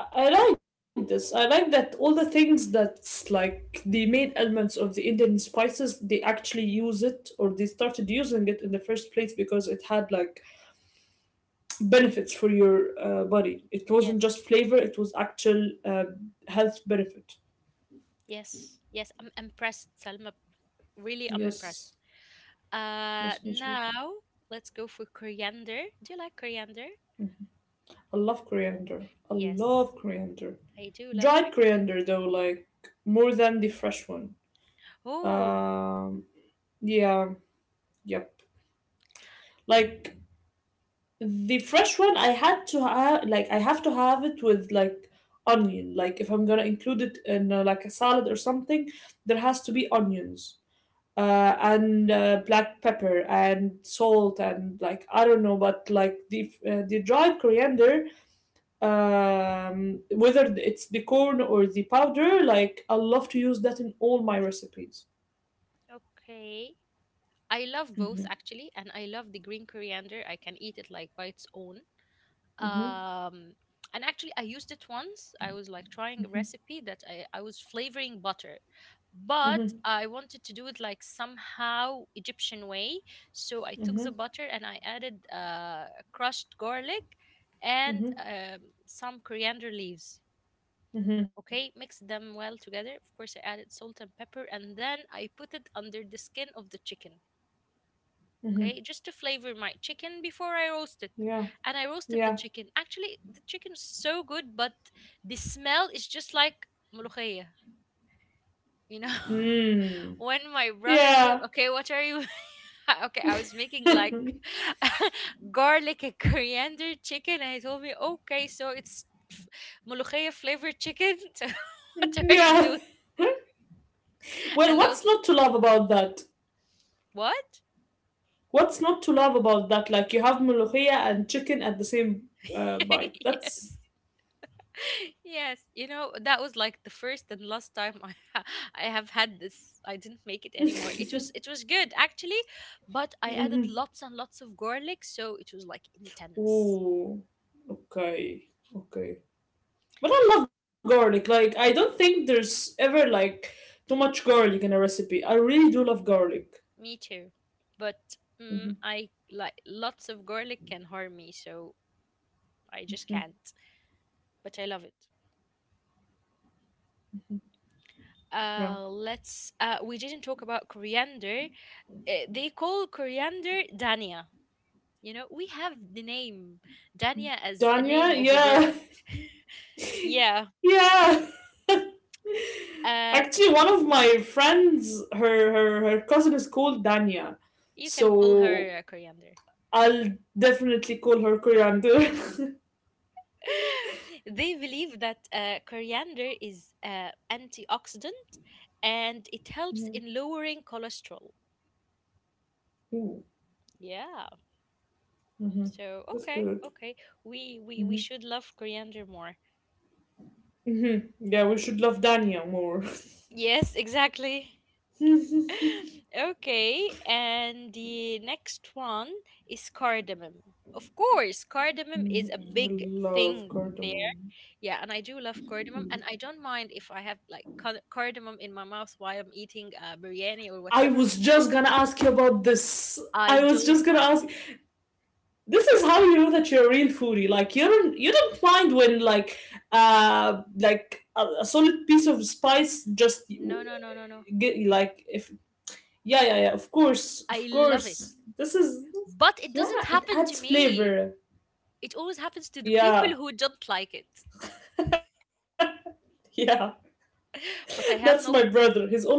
[SPEAKER 2] I like this. I like that all the things that's like the main elements of the Indian spices, they actually use it or they started using it in the first place because it had like benefits for your body. It wasn't
[SPEAKER 1] Yes.
[SPEAKER 2] just flavor, it was actual health benefit.
[SPEAKER 1] Yes. Yes, I'm impressed, Salma. Really, I'm
[SPEAKER 2] Yes,
[SPEAKER 1] impressed.
[SPEAKER 2] yes, me too.
[SPEAKER 1] Now let's go for coriander. Do you like coriander?
[SPEAKER 2] I love coriander. I
[SPEAKER 1] Yes,
[SPEAKER 2] love coriander.
[SPEAKER 1] I do love
[SPEAKER 2] Dried
[SPEAKER 1] coriander.
[SPEAKER 2] coriander though, like more than the fresh one.
[SPEAKER 1] Oh,
[SPEAKER 2] Um, yeah, yep. Like the fresh one I had to have like I have to have it with like onion. Like if I'm gonna include it in like a salad or something, there has to be onions. And black pepper and salt and like I don't know, but like the dried coriander, whether it's the corn or the powder, like I love to use that in all my recipes.
[SPEAKER 1] okay. I love both
[SPEAKER 2] Mm-hmm.
[SPEAKER 1] actually, and I love the green coriander. I can eat it like by its own.
[SPEAKER 2] Mm-hmm.
[SPEAKER 1] um and actually I used it once, I was like trying a recipe that I was flavoring butter, but I
[SPEAKER 2] Mm-hmm.
[SPEAKER 1] wanted to do it like somehow Egyptian way. So I took the butter and I added crushed garlic and
[SPEAKER 2] Mm-hmm. Mm-hmm.
[SPEAKER 1] some coriander leaves, okay, mixed them well together. Of course, I added salt and pepper and then I put it under the skin of the chicken,
[SPEAKER 2] Hmm.
[SPEAKER 1] okay,
[SPEAKER 2] Hmm.
[SPEAKER 1] just to flavor my chicken before I roast it.
[SPEAKER 2] Yeah.
[SPEAKER 1] And I roasted the
[SPEAKER 2] Yeah.
[SPEAKER 1] chicken. Actually the chicken is so good, but the smell is just like ملوخية, you know. (laughs)
[SPEAKER 2] Mm.
[SPEAKER 1] When my brother came,
[SPEAKER 2] Yeah.
[SPEAKER 1] okay, what are you... (laughs) Okay, I was making like
[SPEAKER 2] (laughs)
[SPEAKER 1] (laughs) garlic and coriander chicken, and he told me, okay, so it's f- ملوخية flavored chicken. (laughs) So what are you
[SPEAKER 2] Yeah.
[SPEAKER 1] doing?
[SPEAKER 2] (laughs) Well,
[SPEAKER 1] And I was
[SPEAKER 2] what's
[SPEAKER 1] like,
[SPEAKER 2] not to love about that?
[SPEAKER 1] what?
[SPEAKER 2] What's not to love about that? Like you have ملوخية and chicken at the same bite.
[SPEAKER 1] (laughs) Yes.
[SPEAKER 2] That's.
[SPEAKER 1] (laughs) Yes, you know, that was like the first and last time (laughs) I have had this. I didn't make it anymore.
[SPEAKER 2] (laughs)
[SPEAKER 1] It was good actually, but I added
[SPEAKER 2] Mhm.
[SPEAKER 1] lots and lots of garlic, so it was like intense.
[SPEAKER 2] Ooh. Okay. Okay. But I love garlic. Like I don't think there's ever like too much garlic in a recipe. I really do love garlic.
[SPEAKER 1] Me too. But mm, I
[SPEAKER 2] Hmm.
[SPEAKER 1] like lots of garlic can harm me, so I just can't. But I love it.
[SPEAKER 2] Yeah.
[SPEAKER 1] Let's we didn't talk about coriander. They call coriander Dania. You know, we have the name Dania as a
[SPEAKER 2] Danya,
[SPEAKER 1] name of a
[SPEAKER 2] yeah,
[SPEAKER 1] girl.
[SPEAKER 2] (laughs)
[SPEAKER 1] Yeah,
[SPEAKER 2] yeah. Actually, one
[SPEAKER 1] uh,
[SPEAKER 2] of my friends, her cousin is called Dania,
[SPEAKER 1] you can call
[SPEAKER 2] so
[SPEAKER 1] her coriander.
[SPEAKER 2] I'll definitely call her Coriander. (laughs)
[SPEAKER 1] (laughs) They believe that coriander is antioxidant and it helps
[SPEAKER 2] Mhm.
[SPEAKER 1] in lowering cholesterol.
[SPEAKER 2] Ooh,
[SPEAKER 1] Yeah. So
[SPEAKER 2] that's
[SPEAKER 1] okay,
[SPEAKER 2] good.
[SPEAKER 1] okay. We
[SPEAKER 2] Hmm.
[SPEAKER 1] should love coriander more.
[SPEAKER 2] Hmm. Yeah, we should love Dania more. (laughs)
[SPEAKER 1] Yes, exactly. (laughs) Okay, and the next one is cardamom. Of course, cardamom is
[SPEAKER 2] Mm,
[SPEAKER 1] a
[SPEAKER 2] I
[SPEAKER 1] big
[SPEAKER 2] love
[SPEAKER 1] thing there.
[SPEAKER 2] cardamom.
[SPEAKER 1] Yeah, and I do love cardamom, and I don't mind if I have like cardamom in my mouth while I'm eating biryani or
[SPEAKER 2] I
[SPEAKER 1] whatever.
[SPEAKER 2] was just gonna ask you about this.
[SPEAKER 1] I
[SPEAKER 2] I was
[SPEAKER 1] don't
[SPEAKER 2] just gonna
[SPEAKER 1] mind.
[SPEAKER 2] ask. This is how you know that you're a real foodie. Like you don't mind when like a solid piece of spice just
[SPEAKER 1] No, no, no, no, no.
[SPEAKER 2] get, like if Yeah, yeah, yeah. Of course, of
[SPEAKER 1] I love it,
[SPEAKER 2] course. This is
[SPEAKER 1] but it
[SPEAKER 2] yeah.
[SPEAKER 1] doesn't
[SPEAKER 2] It
[SPEAKER 1] happen to
[SPEAKER 2] adds
[SPEAKER 1] me.
[SPEAKER 2] flavor.
[SPEAKER 1] It always happens to the people
[SPEAKER 2] Yeah,
[SPEAKER 1] who don't like it.
[SPEAKER 2] (laughs) yeah. That's my
[SPEAKER 1] But I have
[SPEAKER 2] brother.
[SPEAKER 1] no.
[SPEAKER 2] He's always like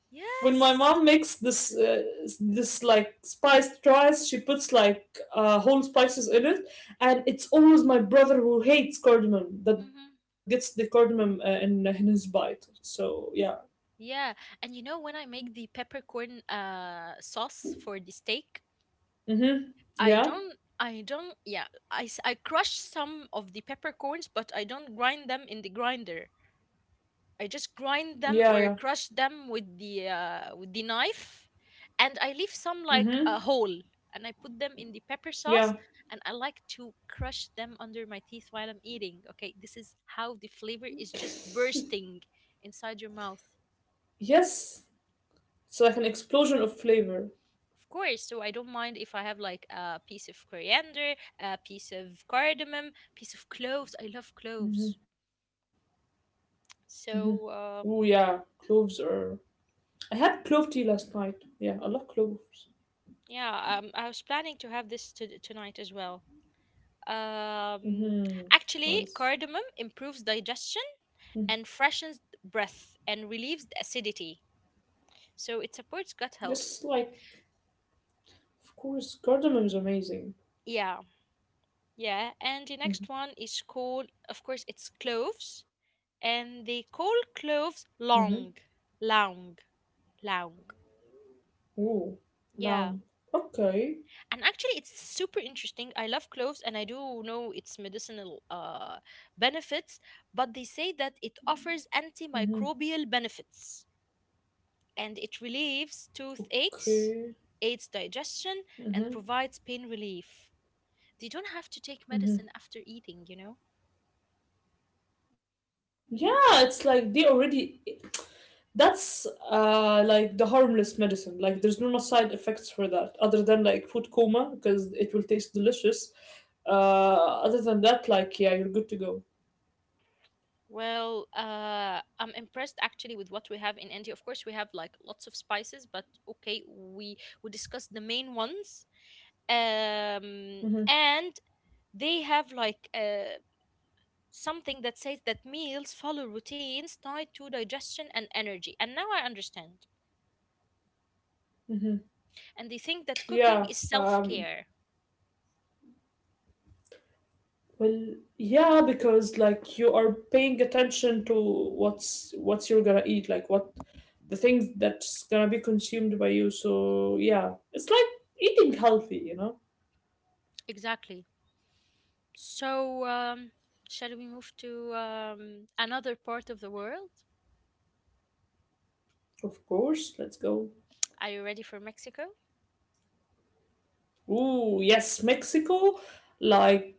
[SPEAKER 2] when my mom
[SPEAKER 1] Yes.
[SPEAKER 2] makes this this like spiced rice, she puts like whole spices in it, and it's always my brother who hates cardamom that gets
[SPEAKER 1] Hmm.
[SPEAKER 2] the cardamom in his bite. So yeah.
[SPEAKER 1] Yeah, and you know when I make the peppercorn sauce for the steak,
[SPEAKER 2] Mhm.
[SPEAKER 1] I don't.
[SPEAKER 2] Yeah.
[SPEAKER 1] I don't, yeah, I, I crush some of the peppercorns, but I don't grind them in the grinder. I just grind
[SPEAKER 2] Yeah.
[SPEAKER 1] them
[SPEAKER 2] Yeah.
[SPEAKER 1] or crush them with the knife, and I leave some like a
[SPEAKER 2] Mhm.
[SPEAKER 1] hole, and I put them in the pepper sauce,
[SPEAKER 2] Yeah.
[SPEAKER 1] and I like to crush them under my teeth while I'm eating. Okay, this is how the flavor is just bursting inside your mouth.
[SPEAKER 2] Yes. It's like an explosion of flavor.
[SPEAKER 1] Of course, so I don't mind if I have like a piece of coriander, a piece of cardamom, piece of cloves. I love cloves. So
[SPEAKER 2] Oh
[SPEAKER 1] uh,
[SPEAKER 2] yeah, cloves are. I had clove tea last night. Yeah, I love cloves.
[SPEAKER 1] yeah, I was planning to have this tonight as well. Um,
[SPEAKER 2] Mm-hmm.
[SPEAKER 1] Actually,
[SPEAKER 2] Nice.
[SPEAKER 1] cardamom improves digestion
[SPEAKER 2] Mm.
[SPEAKER 1] and freshens breath and relieves the acidity. So it supports gut
[SPEAKER 2] Just
[SPEAKER 1] health.
[SPEAKER 2] like, of course, cardamom is amazing.
[SPEAKER 1] Yeah, yeah. And the next
[SPEAKER 2] Mm-hmm.
[SPEAKER 1] one is called, of course, it's cloves, and they call
[SPEAKER 2] Mm-hmm.
[SPEAKER 1] cloves long, long, long.
[SPEAKER 2] Ooh, lamb.
[SPEAKER 1] Yeah,
[SPEAKER 2] Okay.
[SPEAKER 1] and actually, it's super interesting. I love cloves, and I do know its medicinal benefits, but they say that it offers
[SPEAKER 2] Mm-hmm.
[SPEAKER 1] antimicrobial benefits, and it relieves toothaches,
[SPEAKER 2] Okay.
[SPEAKER 1] aids digestion, and
[SPEAKER 2] Mm-hmm.
[SPEAKER 1] provides pain relief. They don't have to take medicine after eating.
[SPEAKER 2] Yeah, it's like they already. That's like the harmless medicine. Like there's no side effects for that, other than like food coma because it will taste delicious. Other than that, like yeah, you're good to go.
[SPEAKER 1] Well, I'm impressed actually with what we have in India. Of course, we have like lots of spices, but okay, we discussed the main ones. And they have like something that says that meals follow routines tied to digestion and energy. And now I understand.
[SPEAKER 2] Mm-hmm.
[SPEAKER 1] And they think that cooking
[SPEAKER 2] Yeah,
[SPEAKER 1] is self
[SPEAKER 2] um,
[SPEAKER 1] care.
[SPEAKER 2] well, yeah, because like you are paying attention to what's you're gonna eat, like what the things that's gonna be consumed by you. So yeah, it's like eating healthy, you know.
[SPEAKER 1] Exactly. So, shall we move to another part of the world?
[SPEAKER 2] Of course, let's go.
[SPEAKER 1] Are you ready for Mexico?
[SPEAKER 2] Ooh, yes, Mexico, like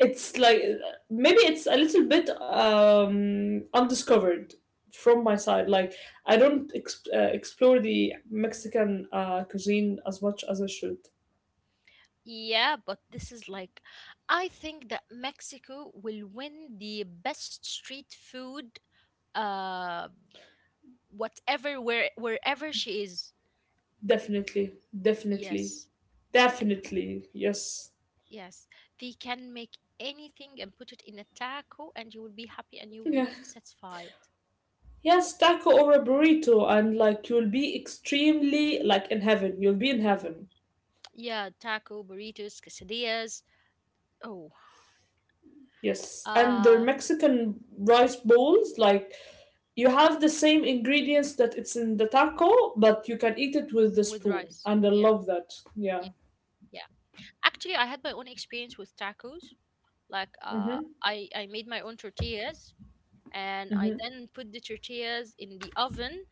[SPEAKER 2] it's like maybe it's a little bit undiscovered from my side. Like I don't explore the Mexican cuisine as much as I should.
[SPEAKER 1] Yeah, but this is like, I think that Mexico will win the best street food, uh, whatever, wherever she is.
[SPEAKER 2] Definitely, definitely,
[SPEAKER 1] Yes, I-
[SPEAKER 2] definitely, yes.
[SPEAKER 1] yes. They can make anything and put it in a taco, and you will be happy and you will be
[SPEAKER 2] Yeah.
[SPEAKER 1] satisfied.
[SPEAKER 2] Yes, taco or a burrito, and like you'll be extremely like in heaven. You'll be in heaven.
[SPEAKER 1] Yeah, taco, burritos, quesadillas. Oh,
[SPEAKER 2] Yes. And their
[SPEAKER 1] uh,
[SPEAKER 2] Mexican rice bowls, like you have the same ingredients that it's in the taco, but you can eat it with the
[SPEAKER 1] With
[SPEAKER 2] spoon.
[SPEAKER 1] rice.
[SPEAKER 2] And I
[SPEAKER 1] Yeah.
[SPEAKER 2] love that.
[SPEAKER 1] Yeah.
[SPEAKER 2] Yeah.
[SPEAKER 1] Yeah. Actually, I had my own experience with tacos. Like uh
[SPEAKER 2] Mm-hmm.
[SPEAKER 1] I made my own tortillas, and I
[SPEAKER 2] Mm-hmm.
[SPEAKER 1] then put the tortillas in the oven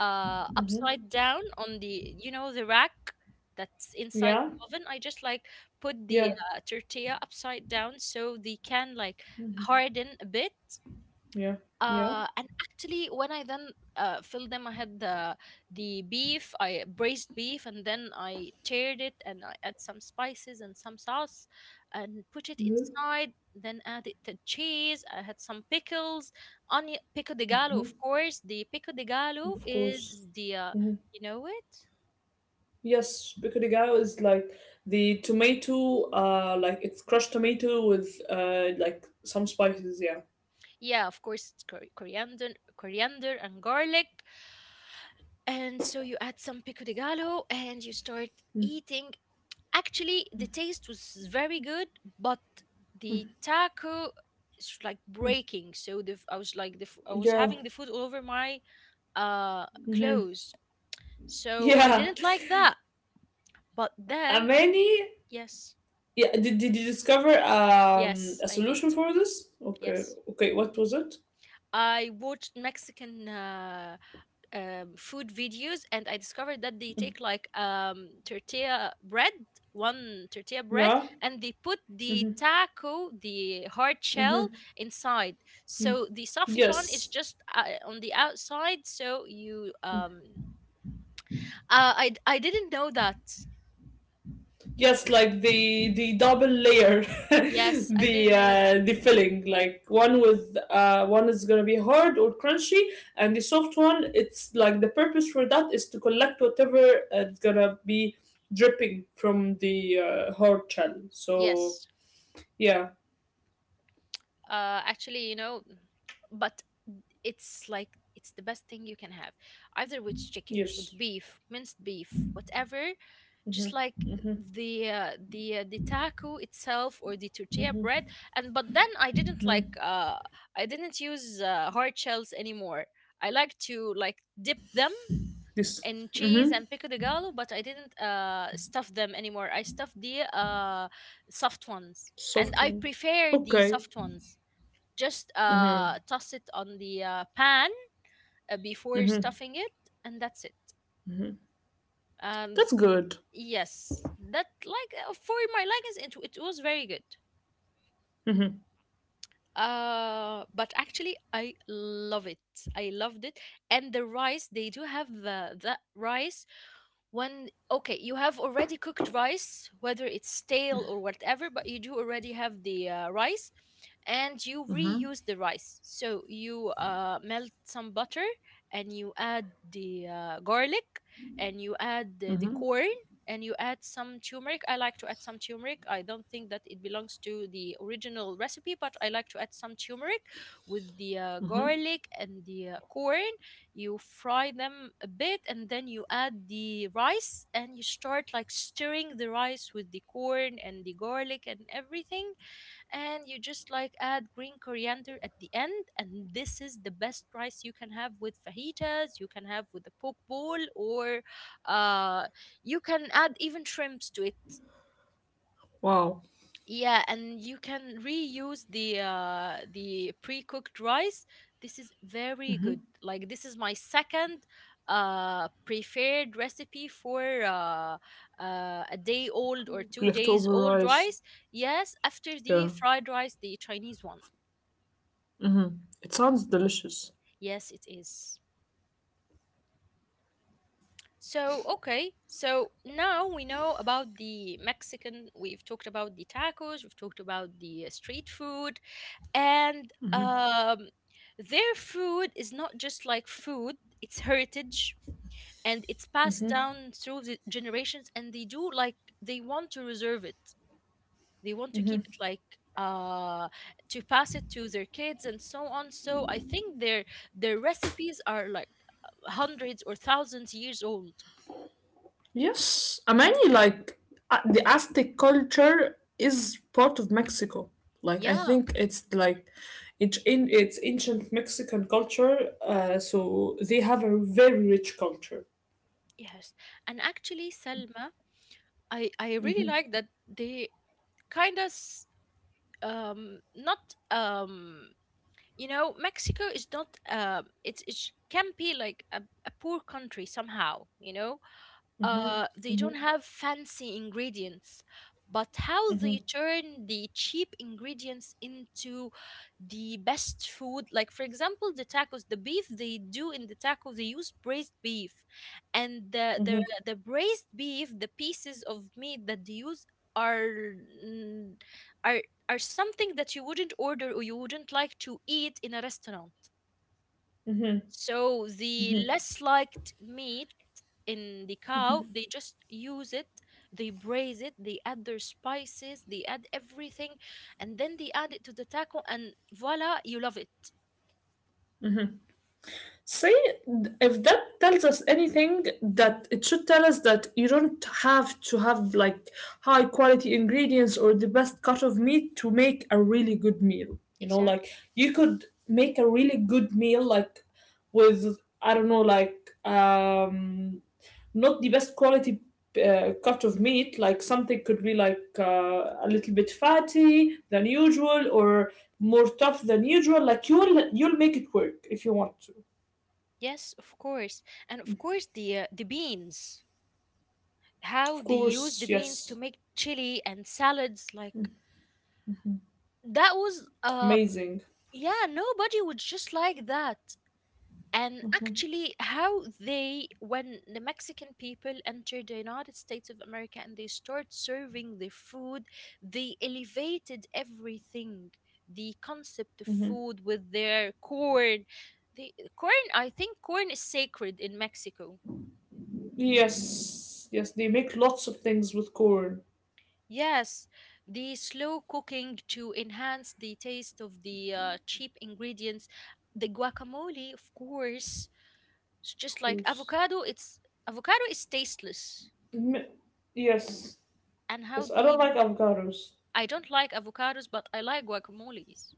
[SPEAKER 2] Mm-hmm.
[SPEAKER 1] upside down on the, you know, the rack that's inside
[SPEAKER 2] Yeah.
[SPEAKER 1] the oven. I just like put the
[SPEAKER 2] Yeah.
[SPEAKER 1] tortilla upside down so they can like harden a bit,
[SPEAKER 2] Yeah. Yeah.
[SPEAKER 1] and actually, when I then filled them, I had the beef, I braised beef, and then I teared it, and I add some spices and some sauce, and put it
[SPEAKER 2] Mm-hmm.
[SPEAKER 1] inside. Then added the cheese. I had some pickles, onion, pico de gallo, of course. The pico de gallo
[SPEAKER 2] Of course.
[SPEAKER 1] is the
[SPEAKER 2] Mm-hmm.
[SPEAKER 1] you know it?
[SPEAKER 2] Yes, picadillo is like the tomato, like it's crushed tomato with like some spices. Yeah,
[SPEAKER 1] Yeah, of course, it's coriander, coriander and garlic. And so you add some pico de gallo, and you start eating. Actually the taste was very good, but the taco is like breaking, so I was like I was
[SPEAKER 2] yeah,
[SPEAKER 1] having the food all over my uh
[SPEAKER 2] hmm
[SPEAKER 1] clothes,
[SPEAKER 2] (laughs)
[SPEAKER 1] so I
[SPEAKER 2] yeah.
[SPEAKER 1] didn't like that. But then
[SPEAKER 2] Many.
[SPEAKER 1] yes,
[SPEAKER 2] Yeah, did you discover
[SPEAKER 1] yes
[SPEAKER 2] a
[SPEAKER 1] I did,
[SPEAKER 2] solution for this? Okay,
[SPEAKER 1] yes.
[SPEAKER 2] okay. What was it?
[SPEAKER 1] I watched Mexican food videos, and I discovered that they take like tortilla bread, one tortilla bread,
[SPEAKER 2] Yeah.
[SPEAKER 1] and they put the
[SPEAKER 2] Mm-hmm.
[SPEAKER 1] taco, the hard
[SPEAKER 2] Mm-hmm.
[SPEAKER 1] shell, inside.
[SPEAKER 2] Mm-hmm.
[SPEAKER 1] So the soft one is
[SPEAKER 2] Yes.
[SPEAKER 1] just on the outside. So you, I didn't know that.
[SPEAKER 2] Yes, like the double layer, (laughs)
[SPEAKER 1] Yes, I didn't know that.
[SPEAKER 2] the filling. Like one with one is gonna be hard or crunchy, and the soft one. It's like the purpose for that is to collect whatever it's gonna be dripping from the hard shell. So
[SPEAKER 1] Yes,
[SPEAKER 2] yeah,
[SPEAKER 1] actually, you know, but it's like it's the best thing you can have, either with chicken,
[SPEAKER 2] yes,
[SPEAKER 1] with beef, minced beef, whatever.
[SPEAKER 2] hmm
[SPEAKER 1] Just like
[SPEAKER 2] hmm
[SPEAKER 1] the taco itself or the tortilla bread. And but then I didn't like I didn't use hard shells anymore. I like to like dip them
[SPEAKER 2] this
[SPEAKER 1] in cheese
[SPEAKER 2] hmm
[SPEAKER 1] and pico de gallo, but I didn't stuff them anymore. I stuffed the soft ones, and
[SPEAKER 2] soft
[SPEAKER 1] I
[SPEAKER 2] one.
[SPEAKER 1] prefer the
[SPEAKER 2] Okay,
[SPEAKER 1] soft ones. Just
[SPEAKER 2] hmm
[SPEAKER 1] toss it on the pan, before
[SPEAKER 2] hmm
[SPEAKER 1] stuffing it, and that's it. um,
[SPEAKER 2] that's good.
[SPEAKER 1] yes, that like for my leggings, it was very good. But actually, I love it. I loved it, and the rice they do have, the that rice, when okay you have already cooked rice whether it's stale or whatever, but you do already have the rice, and you reuse the rice. So you melt some butter, and you add the garlic, and you add the
[SPEAKER 2] Hmm.
[SPEAKER 1] corn, and you add some turmeric. I like to add some turmeric. I don't think that it belongs to the original recipe, but I like to add some turmeric with the garlic and the corn. You fry them a bit, and then you add the rice and you start like stirring the rice with the corn and the garlic and everything, and you just like add green coriander at the end. And this is the best rice you can have with fajitas, you can have with a poke bowl, or uh, you can add even shrimps to it.
[SPEAKER 2] Wow,
[SPEAKER 1] Yeah, and you can reuse the pre-cooked rice. This is very good. Like this is my second preferred recipe for a day old or 2 days
[SPEAKER 2] leftover
[SPEAKER 1] old
[SPEAKER 2] rice.
[SPEAKER 1] rice. Yes, after the
[SPEAKER 2] Yeah,
[SPEAKER 1] fried rice, the Chinese one.
[SPEAKER 2] it sounds delicious.
[SPEAKER 1] Yes, it is. So, okay, so now we know about the Mexican, we've talked about the tacos, we've talked about the street food, and their food is not just like food, it's heritage, and it's passed down through the generations, and they do like they want to reserve it. They want to keep it like uh to pass it to their kids and so on. So I think their recipes are like hundreds or thousands years old.
[SPEAKER 2] Yes, I mean, like the Aztec culture is part of Mexico. Like I
[SPEAKER 1] Yeah.
[SPEAKER 2] think it's like it's in it's ancient Mexican culture. So they have a very rich culture.
[SPEAKER 1] Yes. And actually, Selma, I really like that they kind of not um you know, Mexico is not it's it can be like a poor country somehow, you know. They don't have fancy ingredients, but how they turn the cheap ingredients into the best food. Like for example the tacos, the beef they do in the taco, they use braised beef. And the braised beef, the pieces of meat that they use are mm, are are something that you wouldn't order or you wouldn't like to eat in a restaurant. So the less liked meat in the cow, they just use it, they braise it, they add their spices, they add everything, and then they add it to the taco, and voila, you love it.
[SPEAKER 2] Say if that tells us anything, that it should tell us that you don't have to have like high quality ingredients or the best cut of meat to make a really good meal. You know, like
[SPEAKER 1] Exactly.
[SPEAKER 2] you could make a really good meal like with I don't know like um not the best quality cut of meat like something could be like a little bit fatty than usual or more tough than usual like you'll make it work if you want to.
[SPEAKER 1] Yes, of course. And of course, the beans. How
[SPEAKER 2] Of
[SPEAKER 1] they use
[SPEAKER 2] course,
[SPEAKER 1] the beans to
[SPEAKER 2] yes.
[SPEAKER 1] make chili and salads, like that was
[SPEAKER 2] Amazing.
[SPEAKER 1] yeah, nobody would just like that. And actually, how they, when the Mexican people entered the United States of America and they start serving their food, they elevated everything. The concept of
[SPEAKER 2] Hmm.
[SPEAKER 1] food with their corn. The corn, I think corn is sacred in Mexico.
[SPEAKER 2] Yes, yes, they make lots of things with corn,
[SPEAKER 1] Yes. The slow cooking to enhance the taste of the cheap ingredients. The guacamole, of course. It's
[SPEAKER 2] of
[SPEAKER 1] just like
[SPEAKER 2] course.
[SPEAKER 1] avocado, it's avocado is tasteless.
[SPEAKER 2] M- yes,
[SPEAKER 1] And how
[SPEAKER 2] yes, I
[SPEAKER 1] they
[SPEAKER 2] don't like avocados.
[SPEAKER 1] I don't like avocados, but I like guacamoles.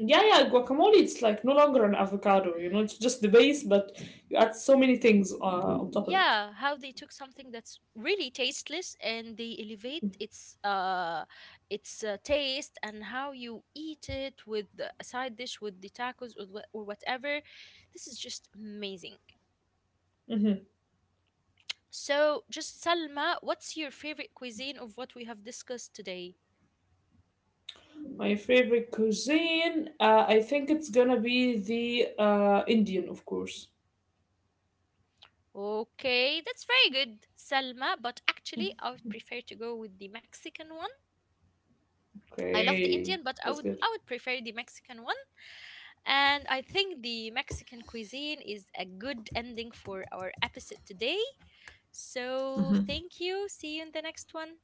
[SPEAKER 2] Yeah, yeah, guacamole, it's like no longer an avocado, you know, it's just the base, but you add so many things on top of it.
[SPEAKER 1] Yeah, how they took something that's really tasteless and they elevate its taste, and how you eat it with a side dish with the tacos or or whatever. This is just amazing.
[SPEAKER 2] Hmm.
[SPEAKER 1] So, just Salma, what's your favorite cuisine of what we have discussed today?
[SPEAKER 2] My favorite cuisine, I think it's gonna be the Indian, of course.
[SPEAKER 1] Okay, that's very good, Salma, but actually I would prefer to go with the Mexican one. I love the
[SPEAKER 2] Okay,
[SPEAKER 1] Indian, but
[SPEAKER 2] that's good.
[SPEAKER 1] I would prefer the Mexican one. And I think the Mexican cuisine is a good ending for our episode today. So thank you. See you in the next one.